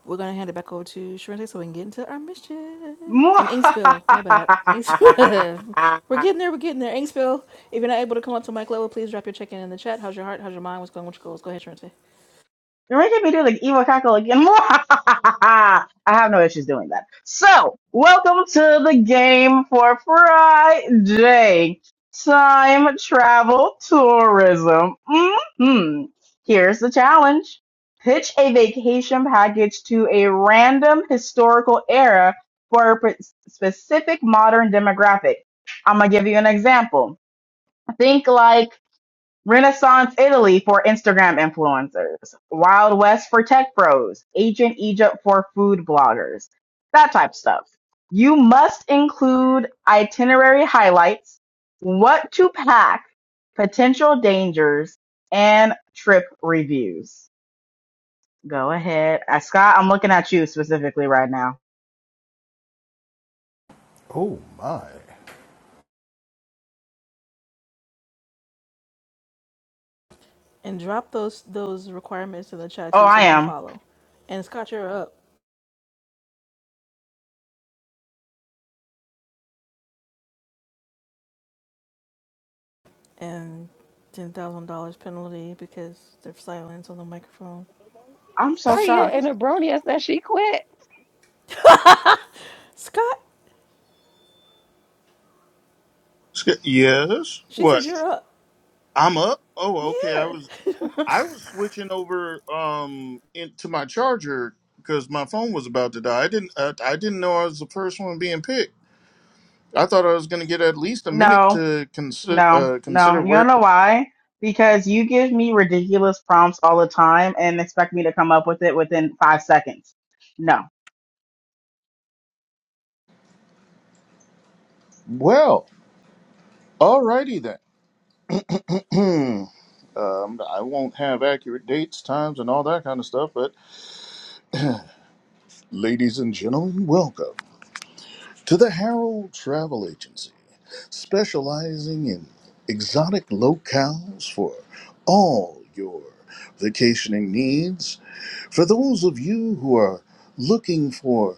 We're gonna hand it back over to Sharente so we can get into our mission. And ink spill, my bad. Ink spill. we're getting there, we're getting there. Ink spill. If you're not able to come up to mic level, please drop your check-in in in the chat. How's your heart? How's your mind? What's going What's your goals? Go ahead, Sharente.
You're making me do the evil cackle again. I have no issues doing that. So, welcome to the game for Friday. Time travel tourism. hmm Here's the challenge. Pitch a vacation package to a random historical era for a pre- specific modern demographic. I'm going to give you an example. Think like Renaissance Italy for Instagram influencers, Wild West for tech bros, Ancient Egypt for food bloggers, that type of stuff. You must include itinerary highlights, what to pack, potential dangers, and trip reviews. Go ahead. Uh, Scott, I'm looking at you specifically right now.
Oh my.
And drop those those requirements in the chat
Oh,
too
I
so we can
am.
follow. And Scott, you're up. And ten thousand dollars penalty because there's silence on the microphone.
I'm so
Staria and
shocked.
a brony. I said she quit.
Scott,
Yes.
she said
What?
you're up.
I'm up. Oh, okay. I was.
Yeah.
I was switching over um into my charger because my phone was about to die. I didn't uh, I didn't know I was the first one being picked. I thought I was going to get at least a minute
No,
to consider
No,
uh,
no.
consider
You
where.
don't know why? Because you give me ridiculous prompts all the time and expect me to come up with it within five seconds. No.
Well, alrighty then. Um, I won't have accurate dates, times, and all that kind of stuff. But ladies and gentlemen, welcome to the Harold Travel Agency, specializing in exotic locales for all your vacationing needs For those of you who are looking for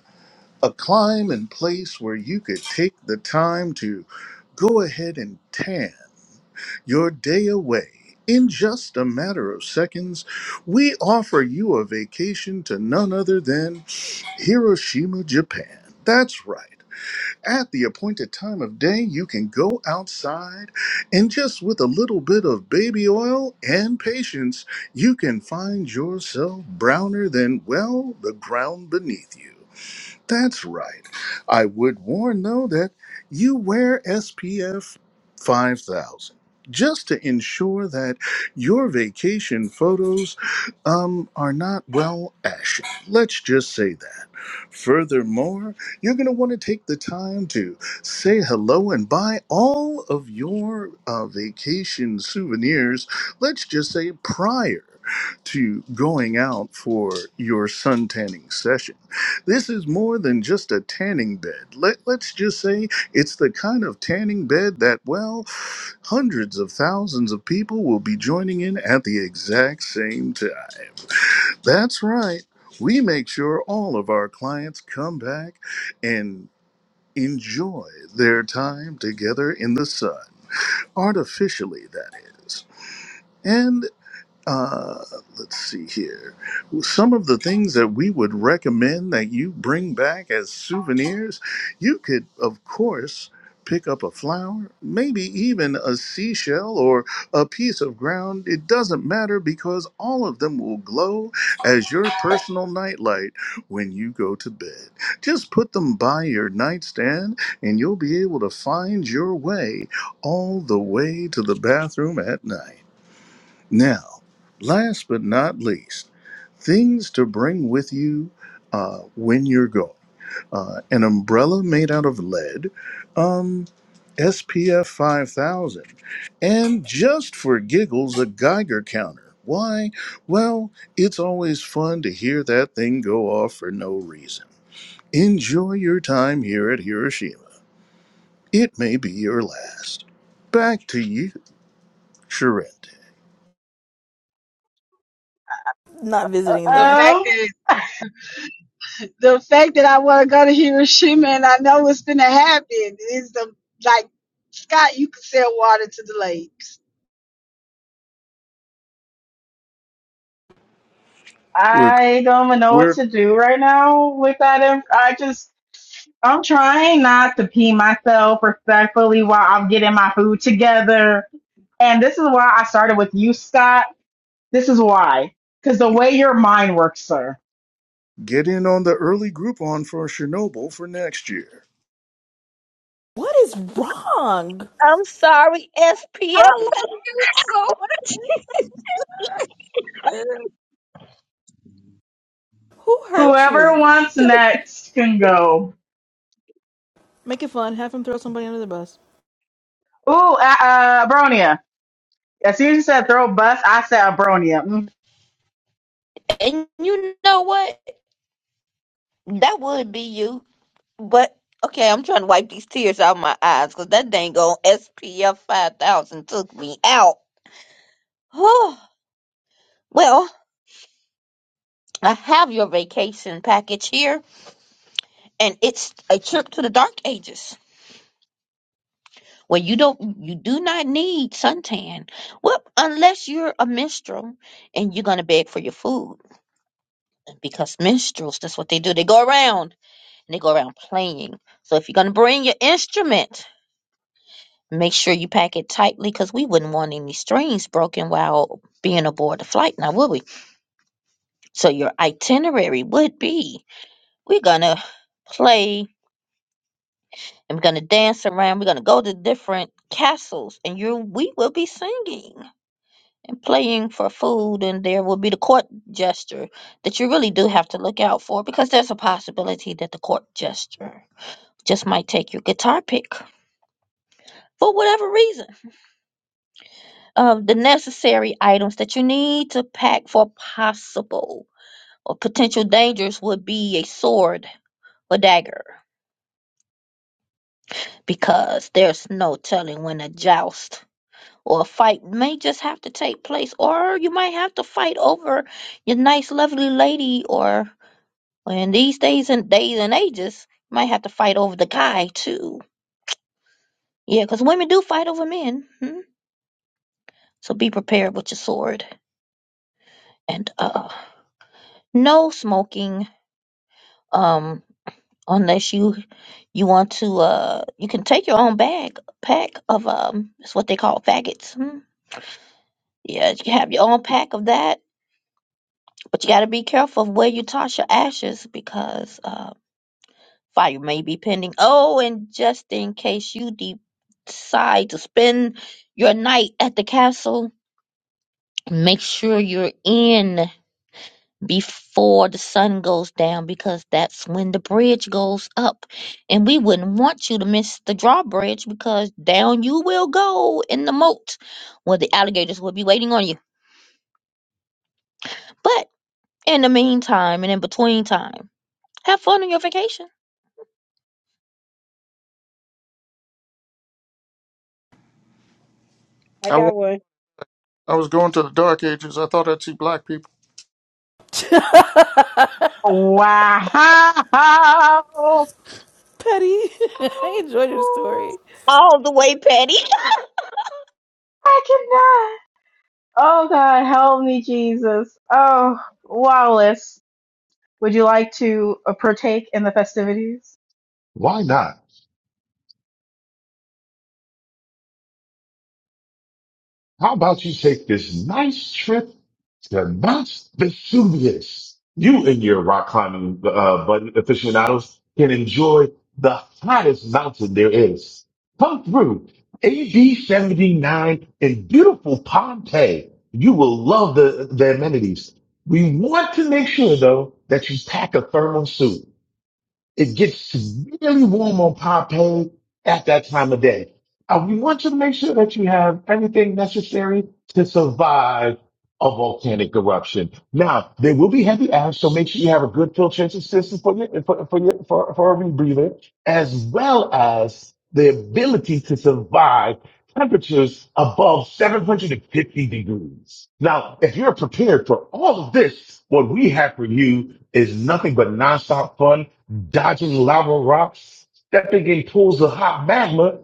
a climb and place where you could take the time to go ahead and tan your day away in just a matter of seconds, we offer you a vacation to none other than Hiroshima, Japan. That's right. At the appointed time of day, you can go outside and just with a little bit of baby oil and patience, you can find yourself browner than, well, the ground beneath you. That's right. I would warn, though, that you wear SPF 5000 just to ensure that your vacation photos um, are not well ashy. Let's just say that. Furthermore, you're going to want to take the time to say hello and buy all of your uh, vacation souvenirs, let's just say prior to going out for your suntanning session. This is more than just a tanning bed. Let, let's just say it's the kind of tanning bed that, well, hundreds of thousands of people will be joining in at the exact same time. That's right. We make sure all of our clients come back and enjoy their time together in the sun, artificially, that is. And uh, let's see here. some of the things that we would recommend that you bring back as souvenirs, you could, of course, pick up a flower, maybe even a seashell or a piece of ground. It doesn't matter because all of them will glow as your personal nightlight when you go to bed. Just put them by your nightstand and you'll be able to find your way all the way to the bathroom at night. Now, last but not least, things to bring with you uh, when you're going. Uh, an umbrella made out of lead, um, SPF 5000, and just for giggles, a Geiger counter. Why? Well, it's always fun to hear that thing go off for no reason. Enjoy your time here at Hiroshima. It may be your last. Back to you, Charente.
not visiting
The
there.
fact
Um,
that the fact that I want to go to Hiroshima and I know it's gonna happen is the like Scott, you could sell water to the lakes.
We're,
I don't even know what
we're
to do right now with that. Inf- I just, I'm trying not to pee myself respectfully while I'm getting my food together. And this is why I started with you, Scott. This is why. Because the way your mind works, sir.
getting on the early Groupon for Chernobyl for next year.
What is wrong?
I'm sorry,
I
SPF,
love you so much.
Who hurt
Whoever
you?
wants
To
next can go.
Make it fun. Have him throw somebody under the bus.
Ooh, uh, uh, Abronia. As soon as you said throw bus, I said Abronia. Mm.
and you know what? That would be you. But okay, I'm trying to wipe these tears out my eyes because that dang old SPF 5000 took me out. well, I have your vacation package here, and it's a trip to the Dark Ages where you don't you do not need suntan. Well, unless you're a minstrel and you're gonna beg for your food because minstrels, that's what they do. They go around and they go around playing. So if you're gonna bring your instrument. Make sure you pack it tightly because we wouldn't want any strings broken while being aboard the flight now, would we? So your itinerary would be we're gonna play and we're gonna dance around, we're gonna go to different castles and you we will be singing and playing for food and there will be the court gesture that you really do have to look out for because there's a possibility that the court gesture just might take your guitar pick for whatever reason of the necessary items that you need to pack for possible or potential dangers would be a sword or dagger, because there's no telling when a joust or a fight may just have to take place, or you might have to fight over your nice, lovely lady, or or in these days and days and ages, you might have to fight over the guy too. Yeah, because women do fight over men. Hmm? So be prepared with your sword and uh, no smoking. Um. unless you you want to uh you can take your own bag pack of um it's what they call faggots hmm? yeah you can have your own pack of that but you got to be careful of where you toss your ashes because uh fire may be pending oh and just in case you de- decide to spend your night at the castle make sure you're in before the sun goes down because that's when the bridge goes up. And we wouldn't want you to miss the drawbridge because down you will go in the moat where the alligators will be waiting on you. But in the meantime and in between time, have fun on your vacation.
I got,
I I was going to the Dark Ages. I thought I'd see black people.
Petty.
Wow.
I enjoyed your story.
All the way, Patty.
I Oh God, help me, Jesus. Oh, Wallace, would you like to uh, partake in the festivities?
why not? How about you take this nice trip to Mount Vesuvius? You and your rock climbing uh, buddy aficionados can enjoy the hottest mountain there is. Come through AD 79 in beautiful Pompeii. You will love the, the amenities. We want to make sure though that you pack a thermal suit. It gets really warm on Pompeii at that time of day. Uh, we want you to make sure that you have everything necessary to survive a volcanic eruption. Now, there will be heavy ash, so make sure you have a good filtration system for your, for, for your, for, for a rebreather, as well as the ability to survive temperatures above 750 degrees. Now, if you're prepared for all of this, what we have for you is nothing but nonstop fun dodging lava rocks, stepping in pools of hot magma,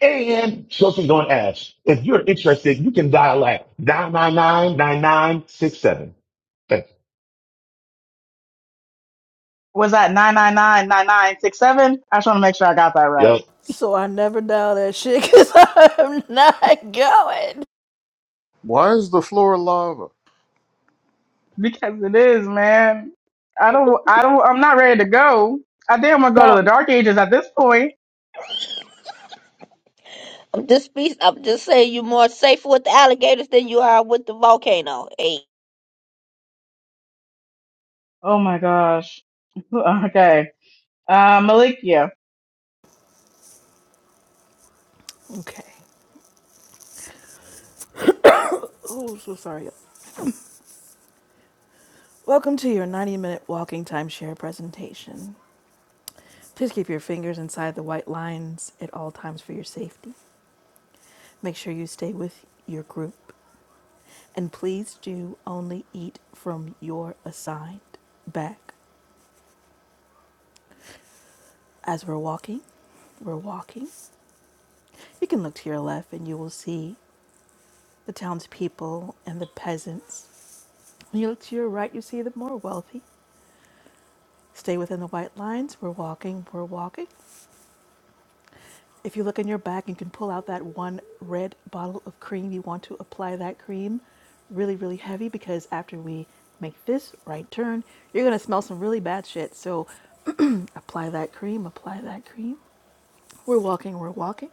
and choking on ash. If you're interested, you can dial at nine nine nine nine nine six seven. 9967 Thank
Was that 9999967? I just want to make sure I got that
you. Yep.
right.
So I never dial that shit because I'm not going.
Why is the floor lava?
Because it is, man. I don't, I don't, I'm not ready to go. I think I'm going to go to
No,
the dark ages at this point.
I'm just be, I'm just saying you're more safe with the alligators than you are with the volcano. Hey,
Oh my gosh. Okay. Uh, Malikia,
Okay. Oh, so sorry. Welcome to your 90 minute walking timeshare presentation. Please keep your fingers inside the white lines at all times for your safety. Make sure you stay with your group. And please do only eat from your assigned bag. As we're walking, we're walking. You can look to your left and you will see the townspeople and the peasants. When you look to your right, you see the more wealthy. Stay within the white lines. We're walking, we're walking. If you look in your back, you can pull out that one red bottle of cream. You want to apply that cream really, really heavy because after we make this right turn, you're going to smell some really bad shit. So apply that cream, apply that cream. We're walking, we're walking.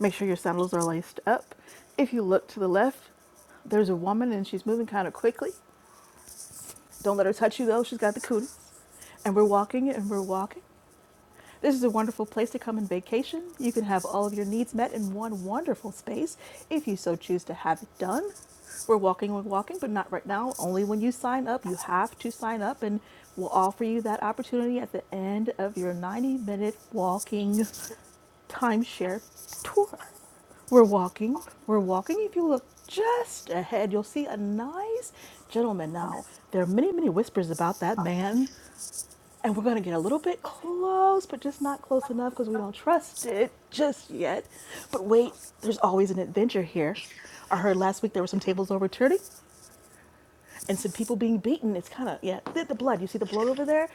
Make sure your sandals are laced up. If you look to the left, there's a woman and she's moving kind of quickly. Don't let her touch you though, she's got the cootie. And we're walking and we're walking. This is a wonderful place to come and vacation. You can have all of your needs met in one wonderful space if you so choose to have it done. We're walking, we're walking, but not right now. Only when you sign up. You have to sign up, and we'll offer you that opportunity at the end of your 90 minute walking timeshare tour. We're walking, we're walking. If you look just ahead, you'll see a nice gentleman now. There are many, many whispers about that man and we're going to get a little bit close, but just not close enough because we don't trust it just yet. But wait, there's always an adventure here. I heard last week there were some tables overturning and some people being beaten. It's kind of, yeah, the, the blood. You see the blood over there?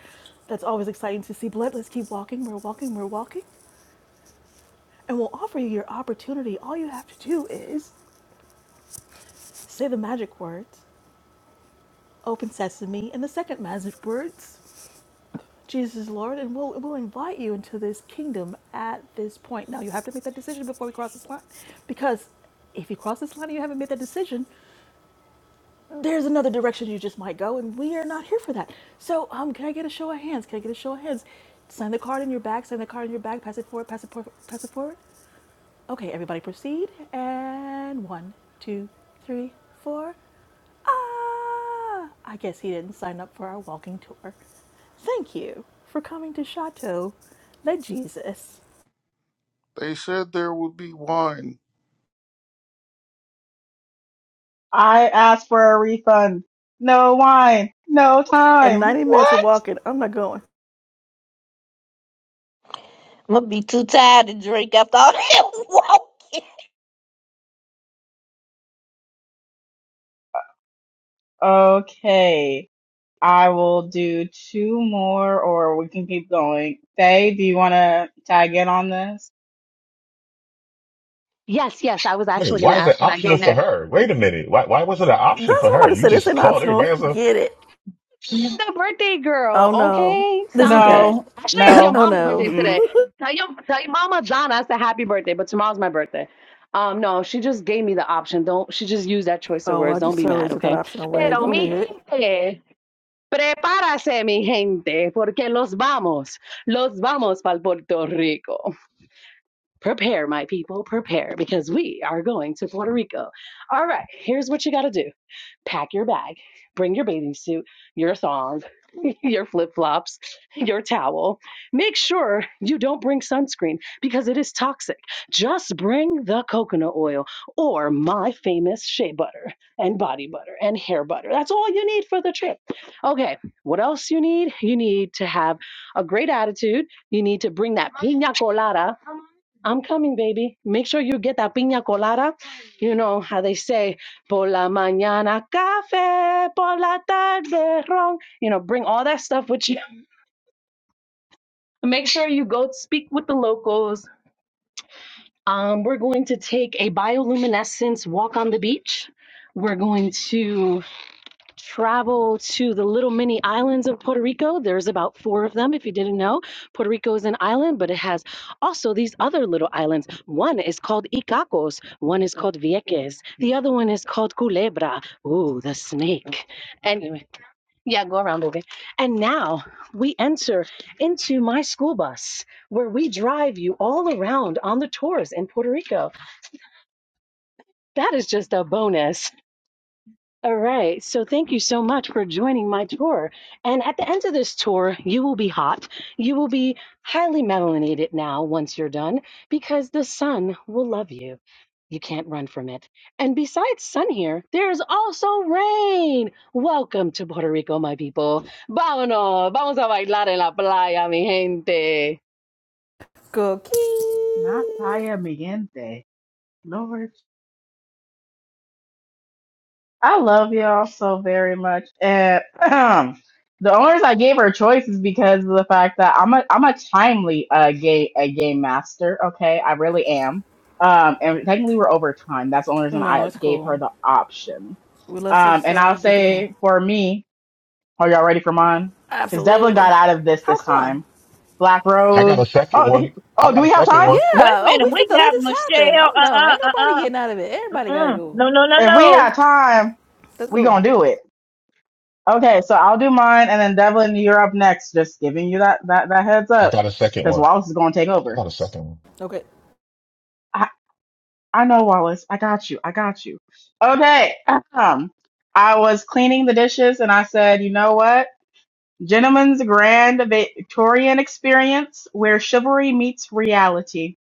That's always exciting to see blood. Let's keep walking. We're walking. We're walking. And we'll offer you your opportunity. All you have to do is say the magic words, open sesame, and the second magic words. Jesus is Lord, and we'll, we'll invite you into this kingdom at this point. Now, you have to make that decision before we cross this line, because if you cross this line and you haven't made that decision, there's another direction you just might go, and we are not here for that. So, um, can I get a show of hands? Can I get a show of hands? Sign the card in your back, sign the card in your back, pass it forward, pass it forward, pass it forward. Okay, everybody proceed. And one, two, three, four. Ah! I guess he didn't sign up for our walking tour. Thank you for coming to Chateau Le Jesus.
They said there would be wine.
I asked for a refund. No wine, no
And
time.
90 minutes of
What?
walking, I'm not going.
I'm gonna be too tired to drink after all that walking.
Okay. I will do two more or we can keep going. Faye, do you want to tag in on this?
Yes, yes. I was
Wait,
actually going
why
to
is
ask,
that
can I go
optional for
next?
her? Wait a minute. Why why was it an option
That's
for
what I'm
her?
about to
You
say. This
just
ain't
called
optional.
everybody else. up.
Get it.
I'm
See,
the birthday
Oh
girl,
no.
okay?
This ain't
Stop
that.
it.
No,
Actually, it's your
no.
Oh
mom's
no.
birthday
Mm-mm.
today. Tell your tell your mama Donna it's a happy birthday, but tomorrow's my birthday. Um, no, she just gave me the option. Don't she just used that choice of
oh, I
words. Don't
just
be
totally
mad,
took that
okay?
option away.
Pero
Go
mi
ahead.
gente, prepárase mi gente, porque los vamos, los vamos para Puerto Rico. Prepare, my people, prepare, because we are going to Puerto Rico. All right, here's what you gotta do pack your bag, bring your bathing suit, your thong, your flip flops, your towel. Make sure you don't bring sunscreen because it is toxic. Just bring the coconut oil or my famous shea butter and body butter and hair butter. That's all you need for the trip. Okay, what else you need? You need to have a great attitude. You need to bring that pina colada I'm coming, baby. Make sure you get that piña colada. You know how they say, por la mañana café, por la tarde ron. You know, bring all that stuff with you. Make sure you go speak with the locals. Um, we're going to take a bioluminescence walk on the beach. We're going to travel to the little mini islands of Puerto Rico. There's about four of them, if you didn't know. Puerto Rico is an island, but it has also these other little islands. One is called Icacos, one is called Vieques, the other one is called Culebra. Ooh, the snake. Anyway, yeah, go around, baby. And now we enter into my school bus where we drive you all around on the tours in Puerto Rico. That is just a bonus. All right. So thank you so much for joining my tour. And at the end of this tour, you will be hot. You will be highly melanated now once you're done because the sun will love you. You can't run from it. And besides sun here, there's also rain. Welcome to Puerto Rico, my people. Vámonos. Vamos a bailar en la playa, mi gente.
Go, King.
Not Taya Miente. Lord. I love y'all so very much. And the only reason I gave her a choice is because of the fact that I'm a I'm a timely uh game a game master, okay? I really am. Um and technically we're over time. That's the only reason
No,
I
it's
gave her
cool.
the option.
We let
Um
folks
and I'll
uh, do what they can.
say for me, Are y'all ready for mine? Because Devlin got
Absolutely.
out of this
How
this
come?
time. Black
I got
Rose.
a second
Oh,
one.
he-
I
oh, do
got a
we have
second
time?
Yeah.
one.
Wait a
Oh,
minute,
we
we
fit to let
got
this happen.
Michelle.
Oh
Uh
no,
uh
ain't
uh
nobody getting
uh
out of it. Everybody
uh
gotta
uh.
go.
No no no
If we
no.
got time,
Let's
we
go.
gonna do it. Okay, so I'll do mine, and then Devlin, you're up next. Just giving you that that that heads
I
up,
got a second
because
one.
Wallace is gonna take
I
over.
got a second one.
Okay.
I I know Wallace. I got you. I got you. Okay. Um, I was cleaning the dishes, and I said, you know what? Gentlemen's grand Victorian experience where chivalry meets reality.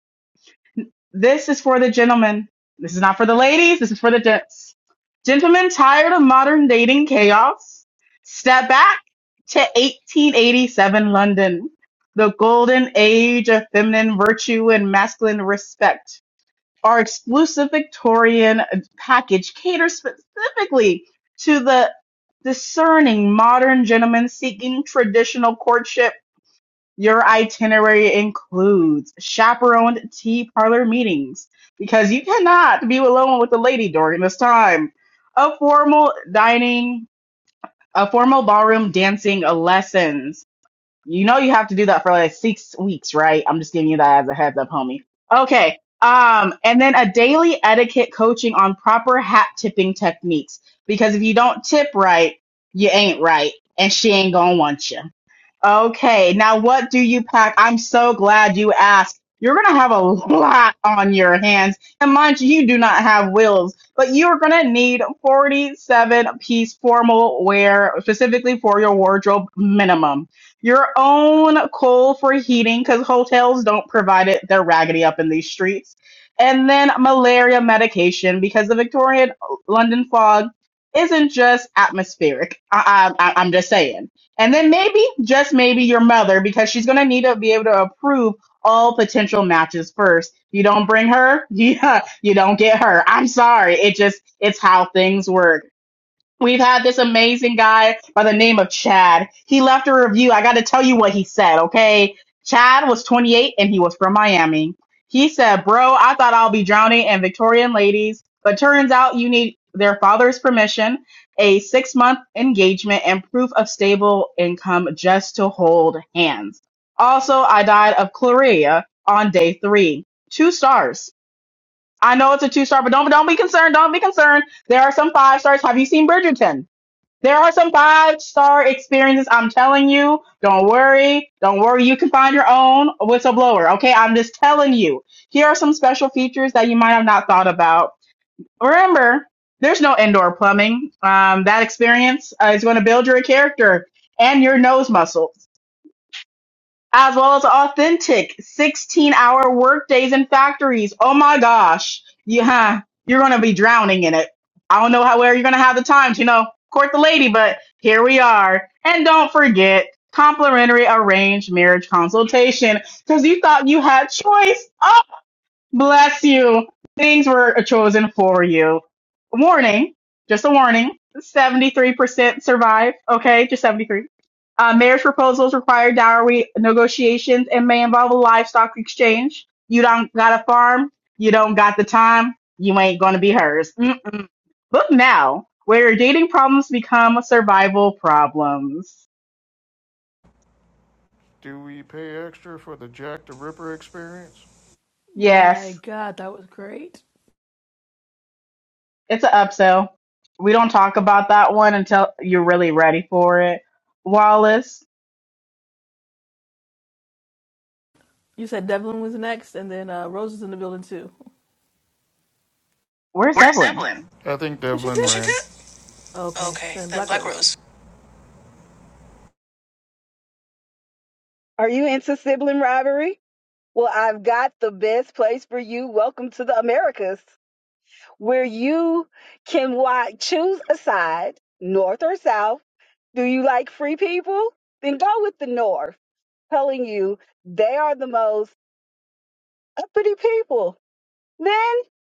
This is for the gentlemen. This is not for the ladies. This is for the gents. Gentlemen tired of modern dating chaos? Step back to 1887 London, the golden age of feminine virtue and masculine respect. Our exclusive Victorian package caters specifically to the discerning modern gentleman seeking traditional courtship your itinerary includes chaperoned tea parlor meetings because you cannot be alone with the lady during this time. A formal dining, a formal ballroom dancing lessons you know you have to do that for like six weeks, right? I'm just giving you that as a heads up, homie. Okay. Um, and then a daily etiquette coaching on proper hat tipping techniques. Because if you don't tip right, you ain't right, and she ain't gonna want you. Okay, now what do you pack? I'm so glad you asked. You're gonna have a lot on your hands. And mind you, you do not have wheels, but you're gonna need 47 piece formal wear specifically for your wardrobe minimum your own coal for heating because hotels don't provide it. They're raggedy up in these streets. And then malaria medication because the Victorian uh, London fog isn't just atmospheric. I, I, I- am just saying. And then maybe, just maybe, your mother because she's going to need to be able to approve all potential matches first. You don't bring her, yeah, you don't get her. I'm sorry. It just, it's how things work. We've had this amazing guy by the name of Chad. He left a review. I got to tell you what he said, okay? Chad was 28 and he was from Miami. He said, Bro, I thought I'll be drowning in Victorian ladies, but turns out you need their father's permission, a six month engagement, and proof of stable income just to hold hands. Also, I died of chlorea on day three. Two stars. I know it's a two star, but don't, don't be concerned. Don't be concerned. There are some five stars. Have you seen Bridgerton? There are some five star experiences. I'm telling you. Don't worry. Don't worry. You can find your own whistleblower. Okay. I'm just telling you. Here are some special features that you might have not thought about. Remember, there's no indoor plumbing. Um, that experience uh, is going to build your character and your nose muscles as well as authentic 16 hour work days in factories. Oh my gosh. You, huh, you're going to be drowning in it. I don't know how, where you're going to have the time to, you know, court the lady, but here we are. And don't forget complimentary arranged marriage consultation because you thought you had choice. Oh Bless you. Things were chosen for you. Warning, just a warning. 73% survive. Okay, just 73. Uh, marriage proposals require dowry negotiations and may involve a livestock exchange. You don't got a farm. You don't got the time. You ain't gonna be hers. Mm-mm. Book now, where your dating problems become survival problems.
Do we pay extra for the Jack the Ripper experience?
My
Yes,
God, that was great.
It's an upsell. We don't talk about that one until you're really ready for it. Wallace,
You said Devlin was next, and then uh, Rose is in the building too.
where's Evelyn?
I think
Did she
Devlin Did
dip?
you ran. get?
Okay,
Okay,
then
then
Black
Black
Rose.
Rose.
are you ready? Well, icebergs, you can't now do you think or you those uppity people? Then,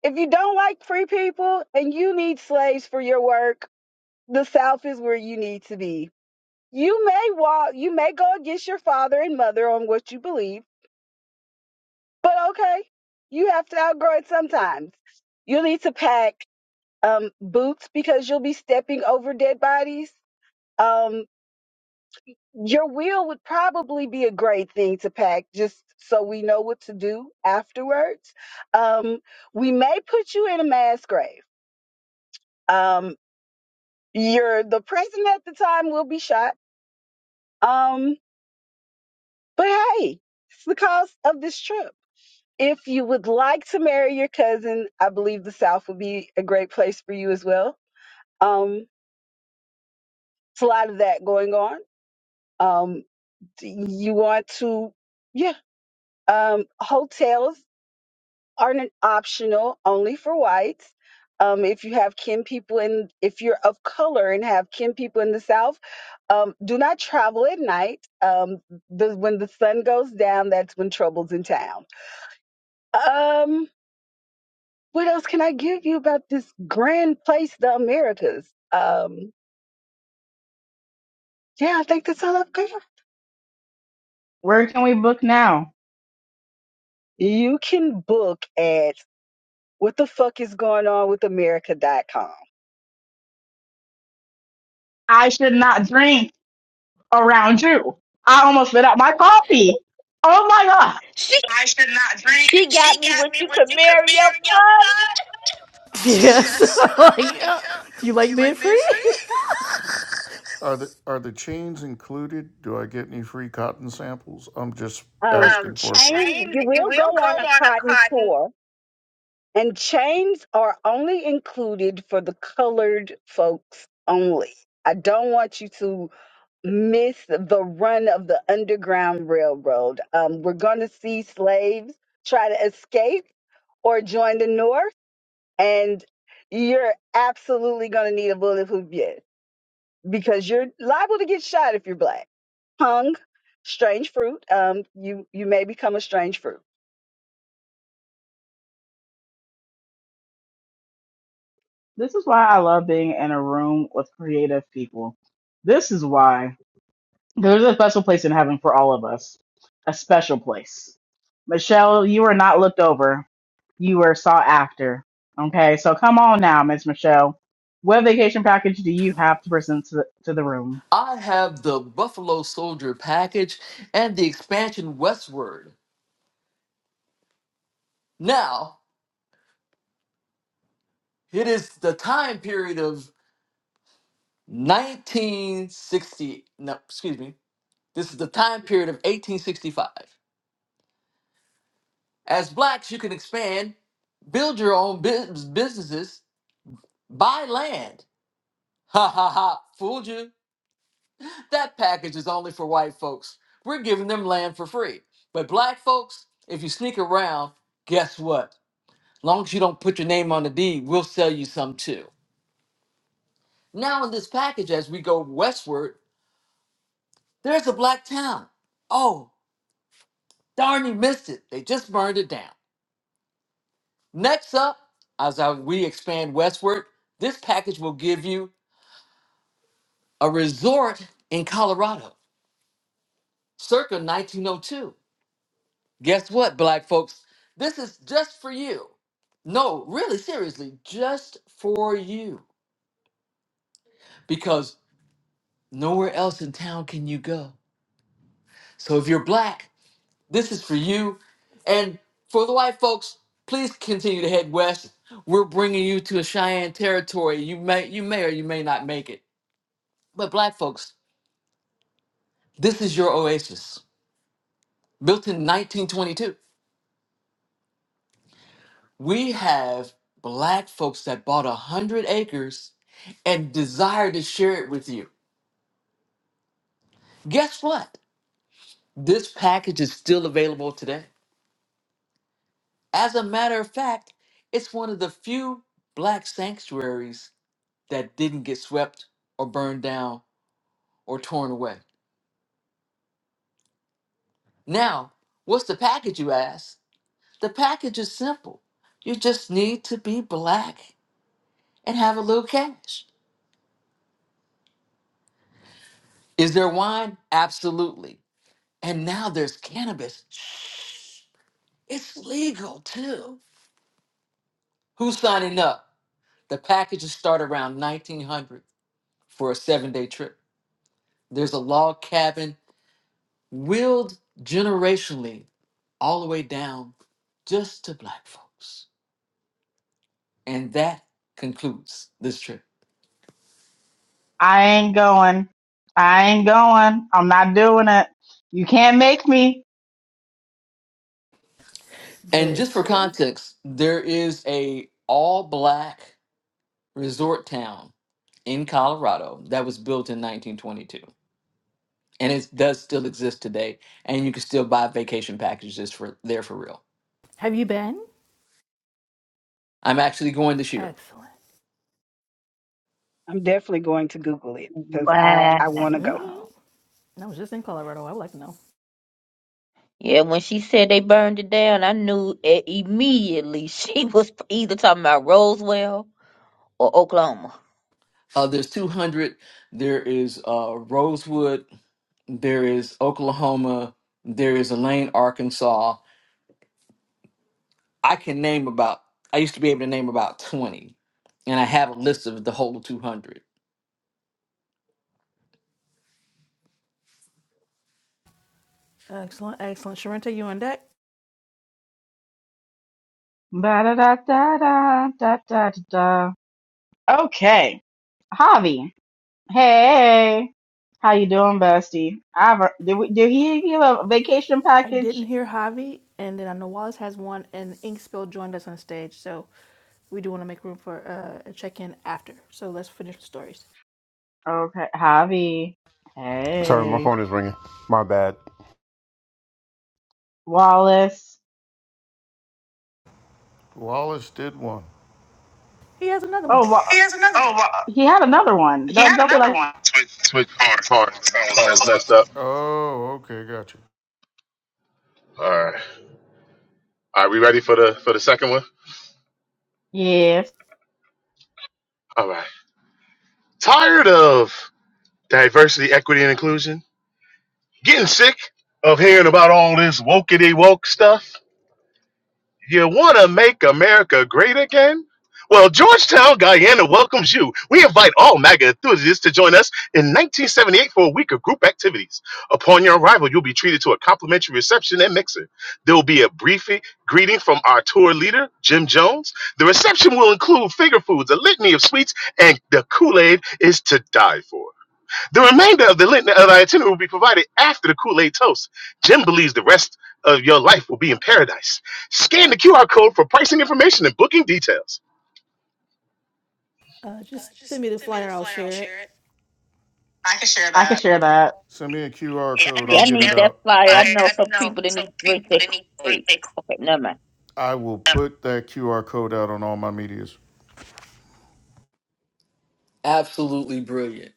if you don't like free people and you need slaves for your work, the South is where you need to be. You may walk, you may go against your father and mother on what you believe, but okay, you have to outgrow it sometimes. You'll need to pack um, boots because you'll be stepping over dead bodies. Um, your will would probably be a great thing to pack just so we know what to do afterwards. Um, we may put you in a mass grave. Um, you're the president at the time will be shot. Um, but hey, it's the cost of this trip. If you would like to marry your cousin, I believe the South would be a great place for you as well. Um, it's a lot of that going on. Um, you want to, yeah. Um, hotels are an optional only for whites. Um, if you have kin people in, if you're of color and have kin people in the South, um, do not travel at night. Um, the, when the sun goes down, that's when trouble's in town. Um, what else can I give you about this grand place, the Americas? Um, yeah, I think that's all I've got.
Where can we book now?
You can book at what the fuck is going on with America.com.
I should not drink around you. I almost spit out my coffee. Oh my god.
She
I should not drink.
she
She
got me
got
when
me
you could
what you could
marry your
marry your
cousin.
father.
Yes.
Yes.
like,
like,
uh,
yeah.
do you
Do
like
you
being
like being free?
free?
Are the are the chains included? Do I get any free cotton samples? I'm just Um,
Um,
asking um, for free.
chains,
chains.
you
You
will
will
go
go
on a
on a
cotton
cotton.
tour, and chains are only included for the colored folks only. I don't want you to miss the run of the Underground Railroad. Um, we're going to see slaves try to escape or join the North and you're absolutely going to need a bulletproof vest because you're liable to get shot if you're black. Hung, strange fruit. Um, you you may become a strange fruit.
This is why I love being in a room with creative people. This is why there's a special place in heaven for all of us. A special place. Michelle, you are not looked over. You were sought after. Okay, so come on now, Miss Michelle. What vacation package do you have to present to the, to the room?
I have the Buffalo Soldier package and the expansion westward. Now, it is the time period of 1960. No, excuse me. This is the time period of 1865. As blacks, you can expand, build your own bus- businesses, buy land. Ha ha ha, fooled you. That package is only for white folks. We're giving them land for free. But black folks, if you sneak around, guess what? long as you don't put your name on the deed, we'll sell you some too. Now, in this package, as we go westward, there's a black town. Oh, darn, you missed it. They just burned it down. Next up, as I- we expand westward, this package will give you a resort in Colorado circa 1902. Guess what, black folks? This is just for you. No, really, seriously, just for you. Because nowhere else in town can you go. So if you're black, this is for you. And for the white folks, please continue to head west. We're bringing you to a Cheyenne territory. You may, you may or you may not make it. But black folks, this is your oasis, built in 1922. We have black folks that bought a hundred acres and desire to share it with you. Guess what? This package is still available today. As a matter of fact, it's one of the few black sanctuaries that didn't get swept or burned down or torn away. Now, what's the package, you ask? The package is simple. You just need to be black and have a little cash. Is there wine? Absolutely. And now there's cannabis. Shh, It's legal too. Who's signing up? The packages start around 1900 for a seven day trip. There's a log cabin willed generationally all the way down just to black folks. And that concludes this trip.
I ain't going. I ain't going. I'm not doing it. You can't make me.
And just for
Listen.
context, there is a all black resort town in Colorado that was built in 1922. and it does still exist today. And you can still buy vacation packages for there for real.
Have you been?
I'm actually going this year.
Excellent.
I'm definitely going to Google it because I I want to
hmm
go.
Wow.
I was just in Colorado. I would like to know.
Yeah, when she said they burned it down, I knew it immediately she was either talking about Roswell or Oklahoma.
Uh, there's 200. There is uh, Rosewood. There is Oklahoma. There is Elaine, Arkansas. I can name about. I used to be able to name about 20, and I have a list of the whole 200.
Excellent, excellent. Sharenta, you on deck?
Da da da da da da da da. Okay, Javi. Hey, how you doing, Bestie? I've, did we, did he give a vacation
I didn't
package?
hear Javi, and then I know Wallace has one, and Inkspill joined us on stage, so we do want to make room for uh, a check-in after. So let's finish the stories.
Okay, Javi.
Sorry, my
Hey,
phone is ringing. My bad.
Wallace.
Wallace did one.
He has another
Oh,
one.
Wa-
Here's another. Oh. one.
He had another one. Don't don't be like,
Switch to the car. My phone was messed up.
Oh, okay, gotcha.
All right. Are we ready for the for the second one?
yes,
All right. Tired of diversity, equity, and inclusion? Getting sick of hearing about all this wokey woke stuff? You want to make America great again? Well, Georgetown, Guyana welcomes you. We invite all MAGA enthusiasts to join us in 1978 for a week of group activities. Upon your arrival, you'll be treated to a complimentary reception and mixer. There will be a brief greeting from our tour leader, Jim Jones. The reception will include finger foods, a litany of sweets, and the Kool Aid is to die for. The remainder of the, lit- of the itinerary will be provided after the Kool Aid toast. Jim believes the rest of your life will be in paradise. Scan the QR code for pricing information and booking details.
Uh,
Uh,
just send
just
me the
send me the
flyer. I'll
flyer. I'll
share it.
share it. I can share
I can
that.
share that.
Send me a QR Yeah, code. I'll
Yeah, I
get it
need that
out.
flyer. I
flyer. I,
know
I
some
know
people that
some
need to drink
people
that
that need to read
Kool-Aid.
their
Okay, never mind.
I will put that QR code out on all my medias.
Absolutely brilliant.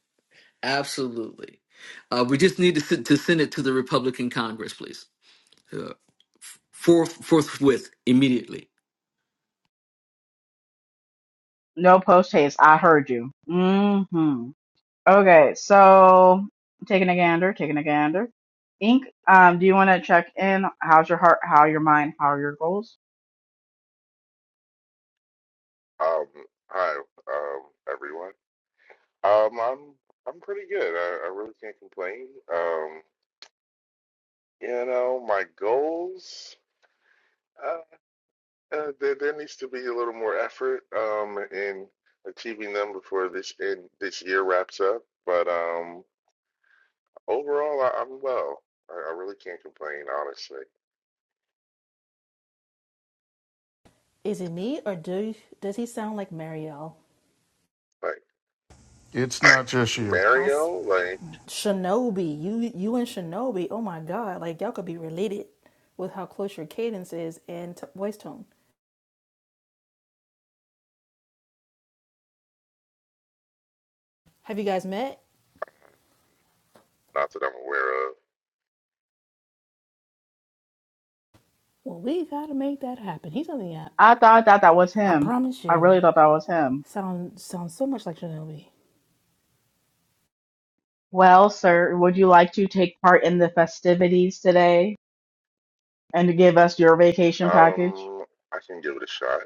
Absolutely. Uh, we just need to, send- to send it to the Republican Congress, please. Uh, forth, forthwith, immediately
No post haste. I heard you. Mm-hmm. Okay, so taking a gander, taking a gander. Ink, um, do you want to check in? How's your heart? How your mind? How are your goals?
Um, hi, um, everyone. Um, I'm I'm pretty good. I, I really can't complain. Um, you know, my goals. Uh, uh, there, there needs to be a little more effort um in achieving them before this in this year wraps up. But um, overall, I, I'm well. I, I really can't complain, honestly.
Is it me or do you, does he sound like Marielle?
Like
It's not just you.
I s-
Mario, like
Shinobi. You you and Shinobi. Oh my God! Like y'all could be related with how close your cadence is and t- voice tone. Have you guys met?
not that I'm aware of.
Well, we gotta make that happen. He's on the app.
I thought that that was
I
him.
promise
I
you.
really thought that was him.
Sound sounds so much like Shinobi.
Well, sir, would you like to take part in the festivities today and to give us your vacation package?
Um, I can give it a shot.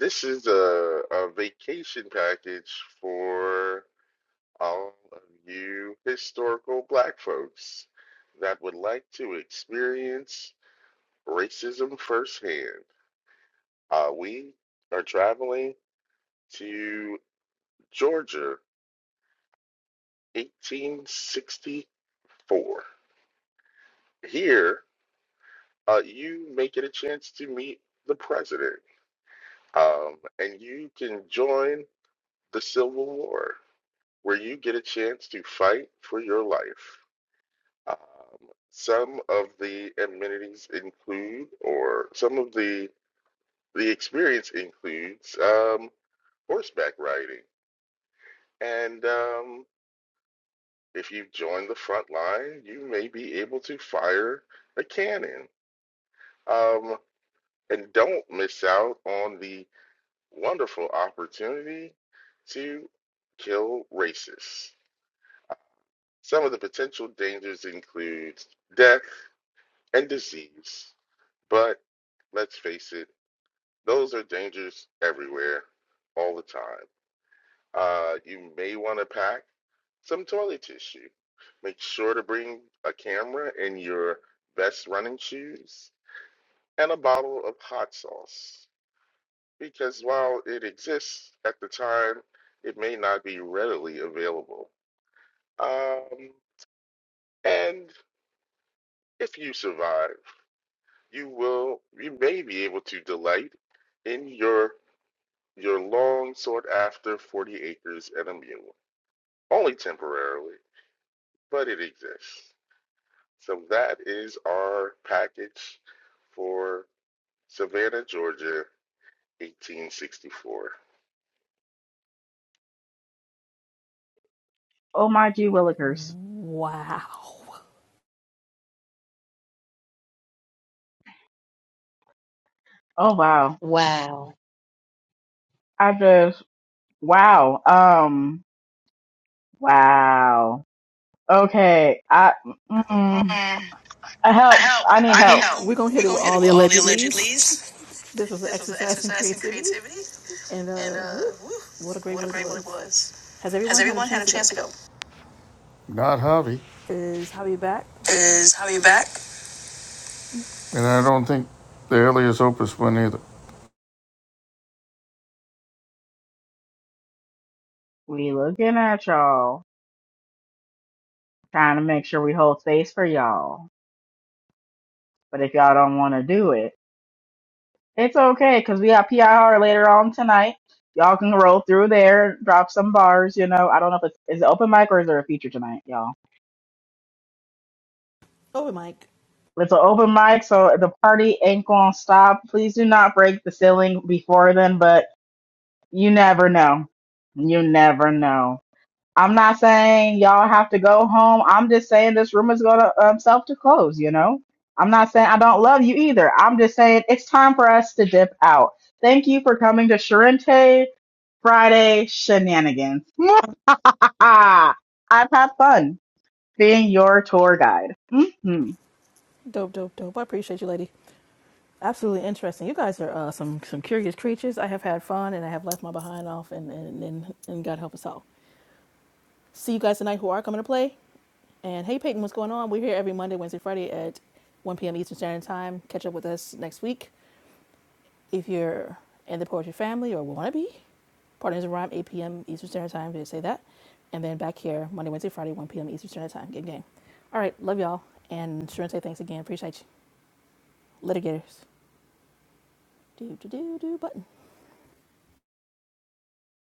This is a, a vacation package for all of you historical black folks that would like to experience racism firsthand. Uh, we are traveling to Georgia, 1864. Here, uh, you may get a chance to meet the president, um, and you can join the Civil War, where you get a chance to fight for your life Um, some of the amenities include, or some of the the experience includes um, horseback riding. And um, if you join the front line, you may be able to fire a cannon. Um, and don't miss out on the wonderful opportunity to kill racists. Some of the potential dangers include death and disease, but let's face it. Those are dangers everywhere, all the time. Uh, you may want to pack some toilet tissue. Make sure to bring a camera and your best running shoes and a bottle of hot sauce because while it exists at the time, it may not be readily available. Um, and if you survive, you will you may be able to delight in your your long sought after 40 acres and a mule. only temporarily, but it exists. So that is our package for Savannah, Georgia, 1864.
Oh my gee willikers.
Wow.
Oh wow.
Wow.
I just wow. Um Wow. Okay. I mm, I
I
help.
help.
I need
We're
I need
help.
gonna
help.
we're gonna
We're
hit it with
gonna hit
all
it
the
with all the alleged
allegedlys.
leads.
this was an
This was an
exercise in
exercise in
creativity,
creativity,
and
and
uh,
uh,
woo,
woo,
what a great
what
one
a
it
great one it
was.
was.
Has
Has
everyone had a
everyone had a
chance to go?
chance to go? Not Javi.
Is Javi back?
Is Javi back? And I don't think the alias opus one either.
We looking at y'all, trying to make sure we hold space for y'all. But if y'all don't want to do it, it's okay because we got PIR later on tonight. Y'all can roll through there, drop some bars. You know, I don't know if it's is it open mic or is there a feature tonight, y'all.
Over, Mike.
It's an open mic, so the party ain't gonna stop. Please do not break the ceiling before then, but you never know. You never know. I'm not saying y'all have to go home. I'm just saying this room is going to um, self to close, you know? I'm not saying I don't love you either. I'm just saying it's time for us to dip out. Thank you for coming to Sharente Friday Shenanigans. I've had fun being your tour guide. Mhm.
Dope, dope, dope. I appreciate you, lady. Absolutely interesting. You guys are uh, some some curious creatures. I have had fun, and I have left my behind off, and and and, and God help us all. See you guys tonight. Who are coming to play? And hey, Peyton, what's going on? We're here every Monday, Wednesday, Friday at 1 p.m. Eastern Standard Time. Catch up with us next week. If you're in the poetry family or want to be, Partners in Rhyme, 8 p.m. Eastern Standard Time. Did I say that? And then back here, Monday, Wednesday, Friday, 1 p.m. Eastern Standard Time. Good game. All right, love y'all. And sure and say thanks again. Appreciate you. Litigators. Do, do, do, do, button.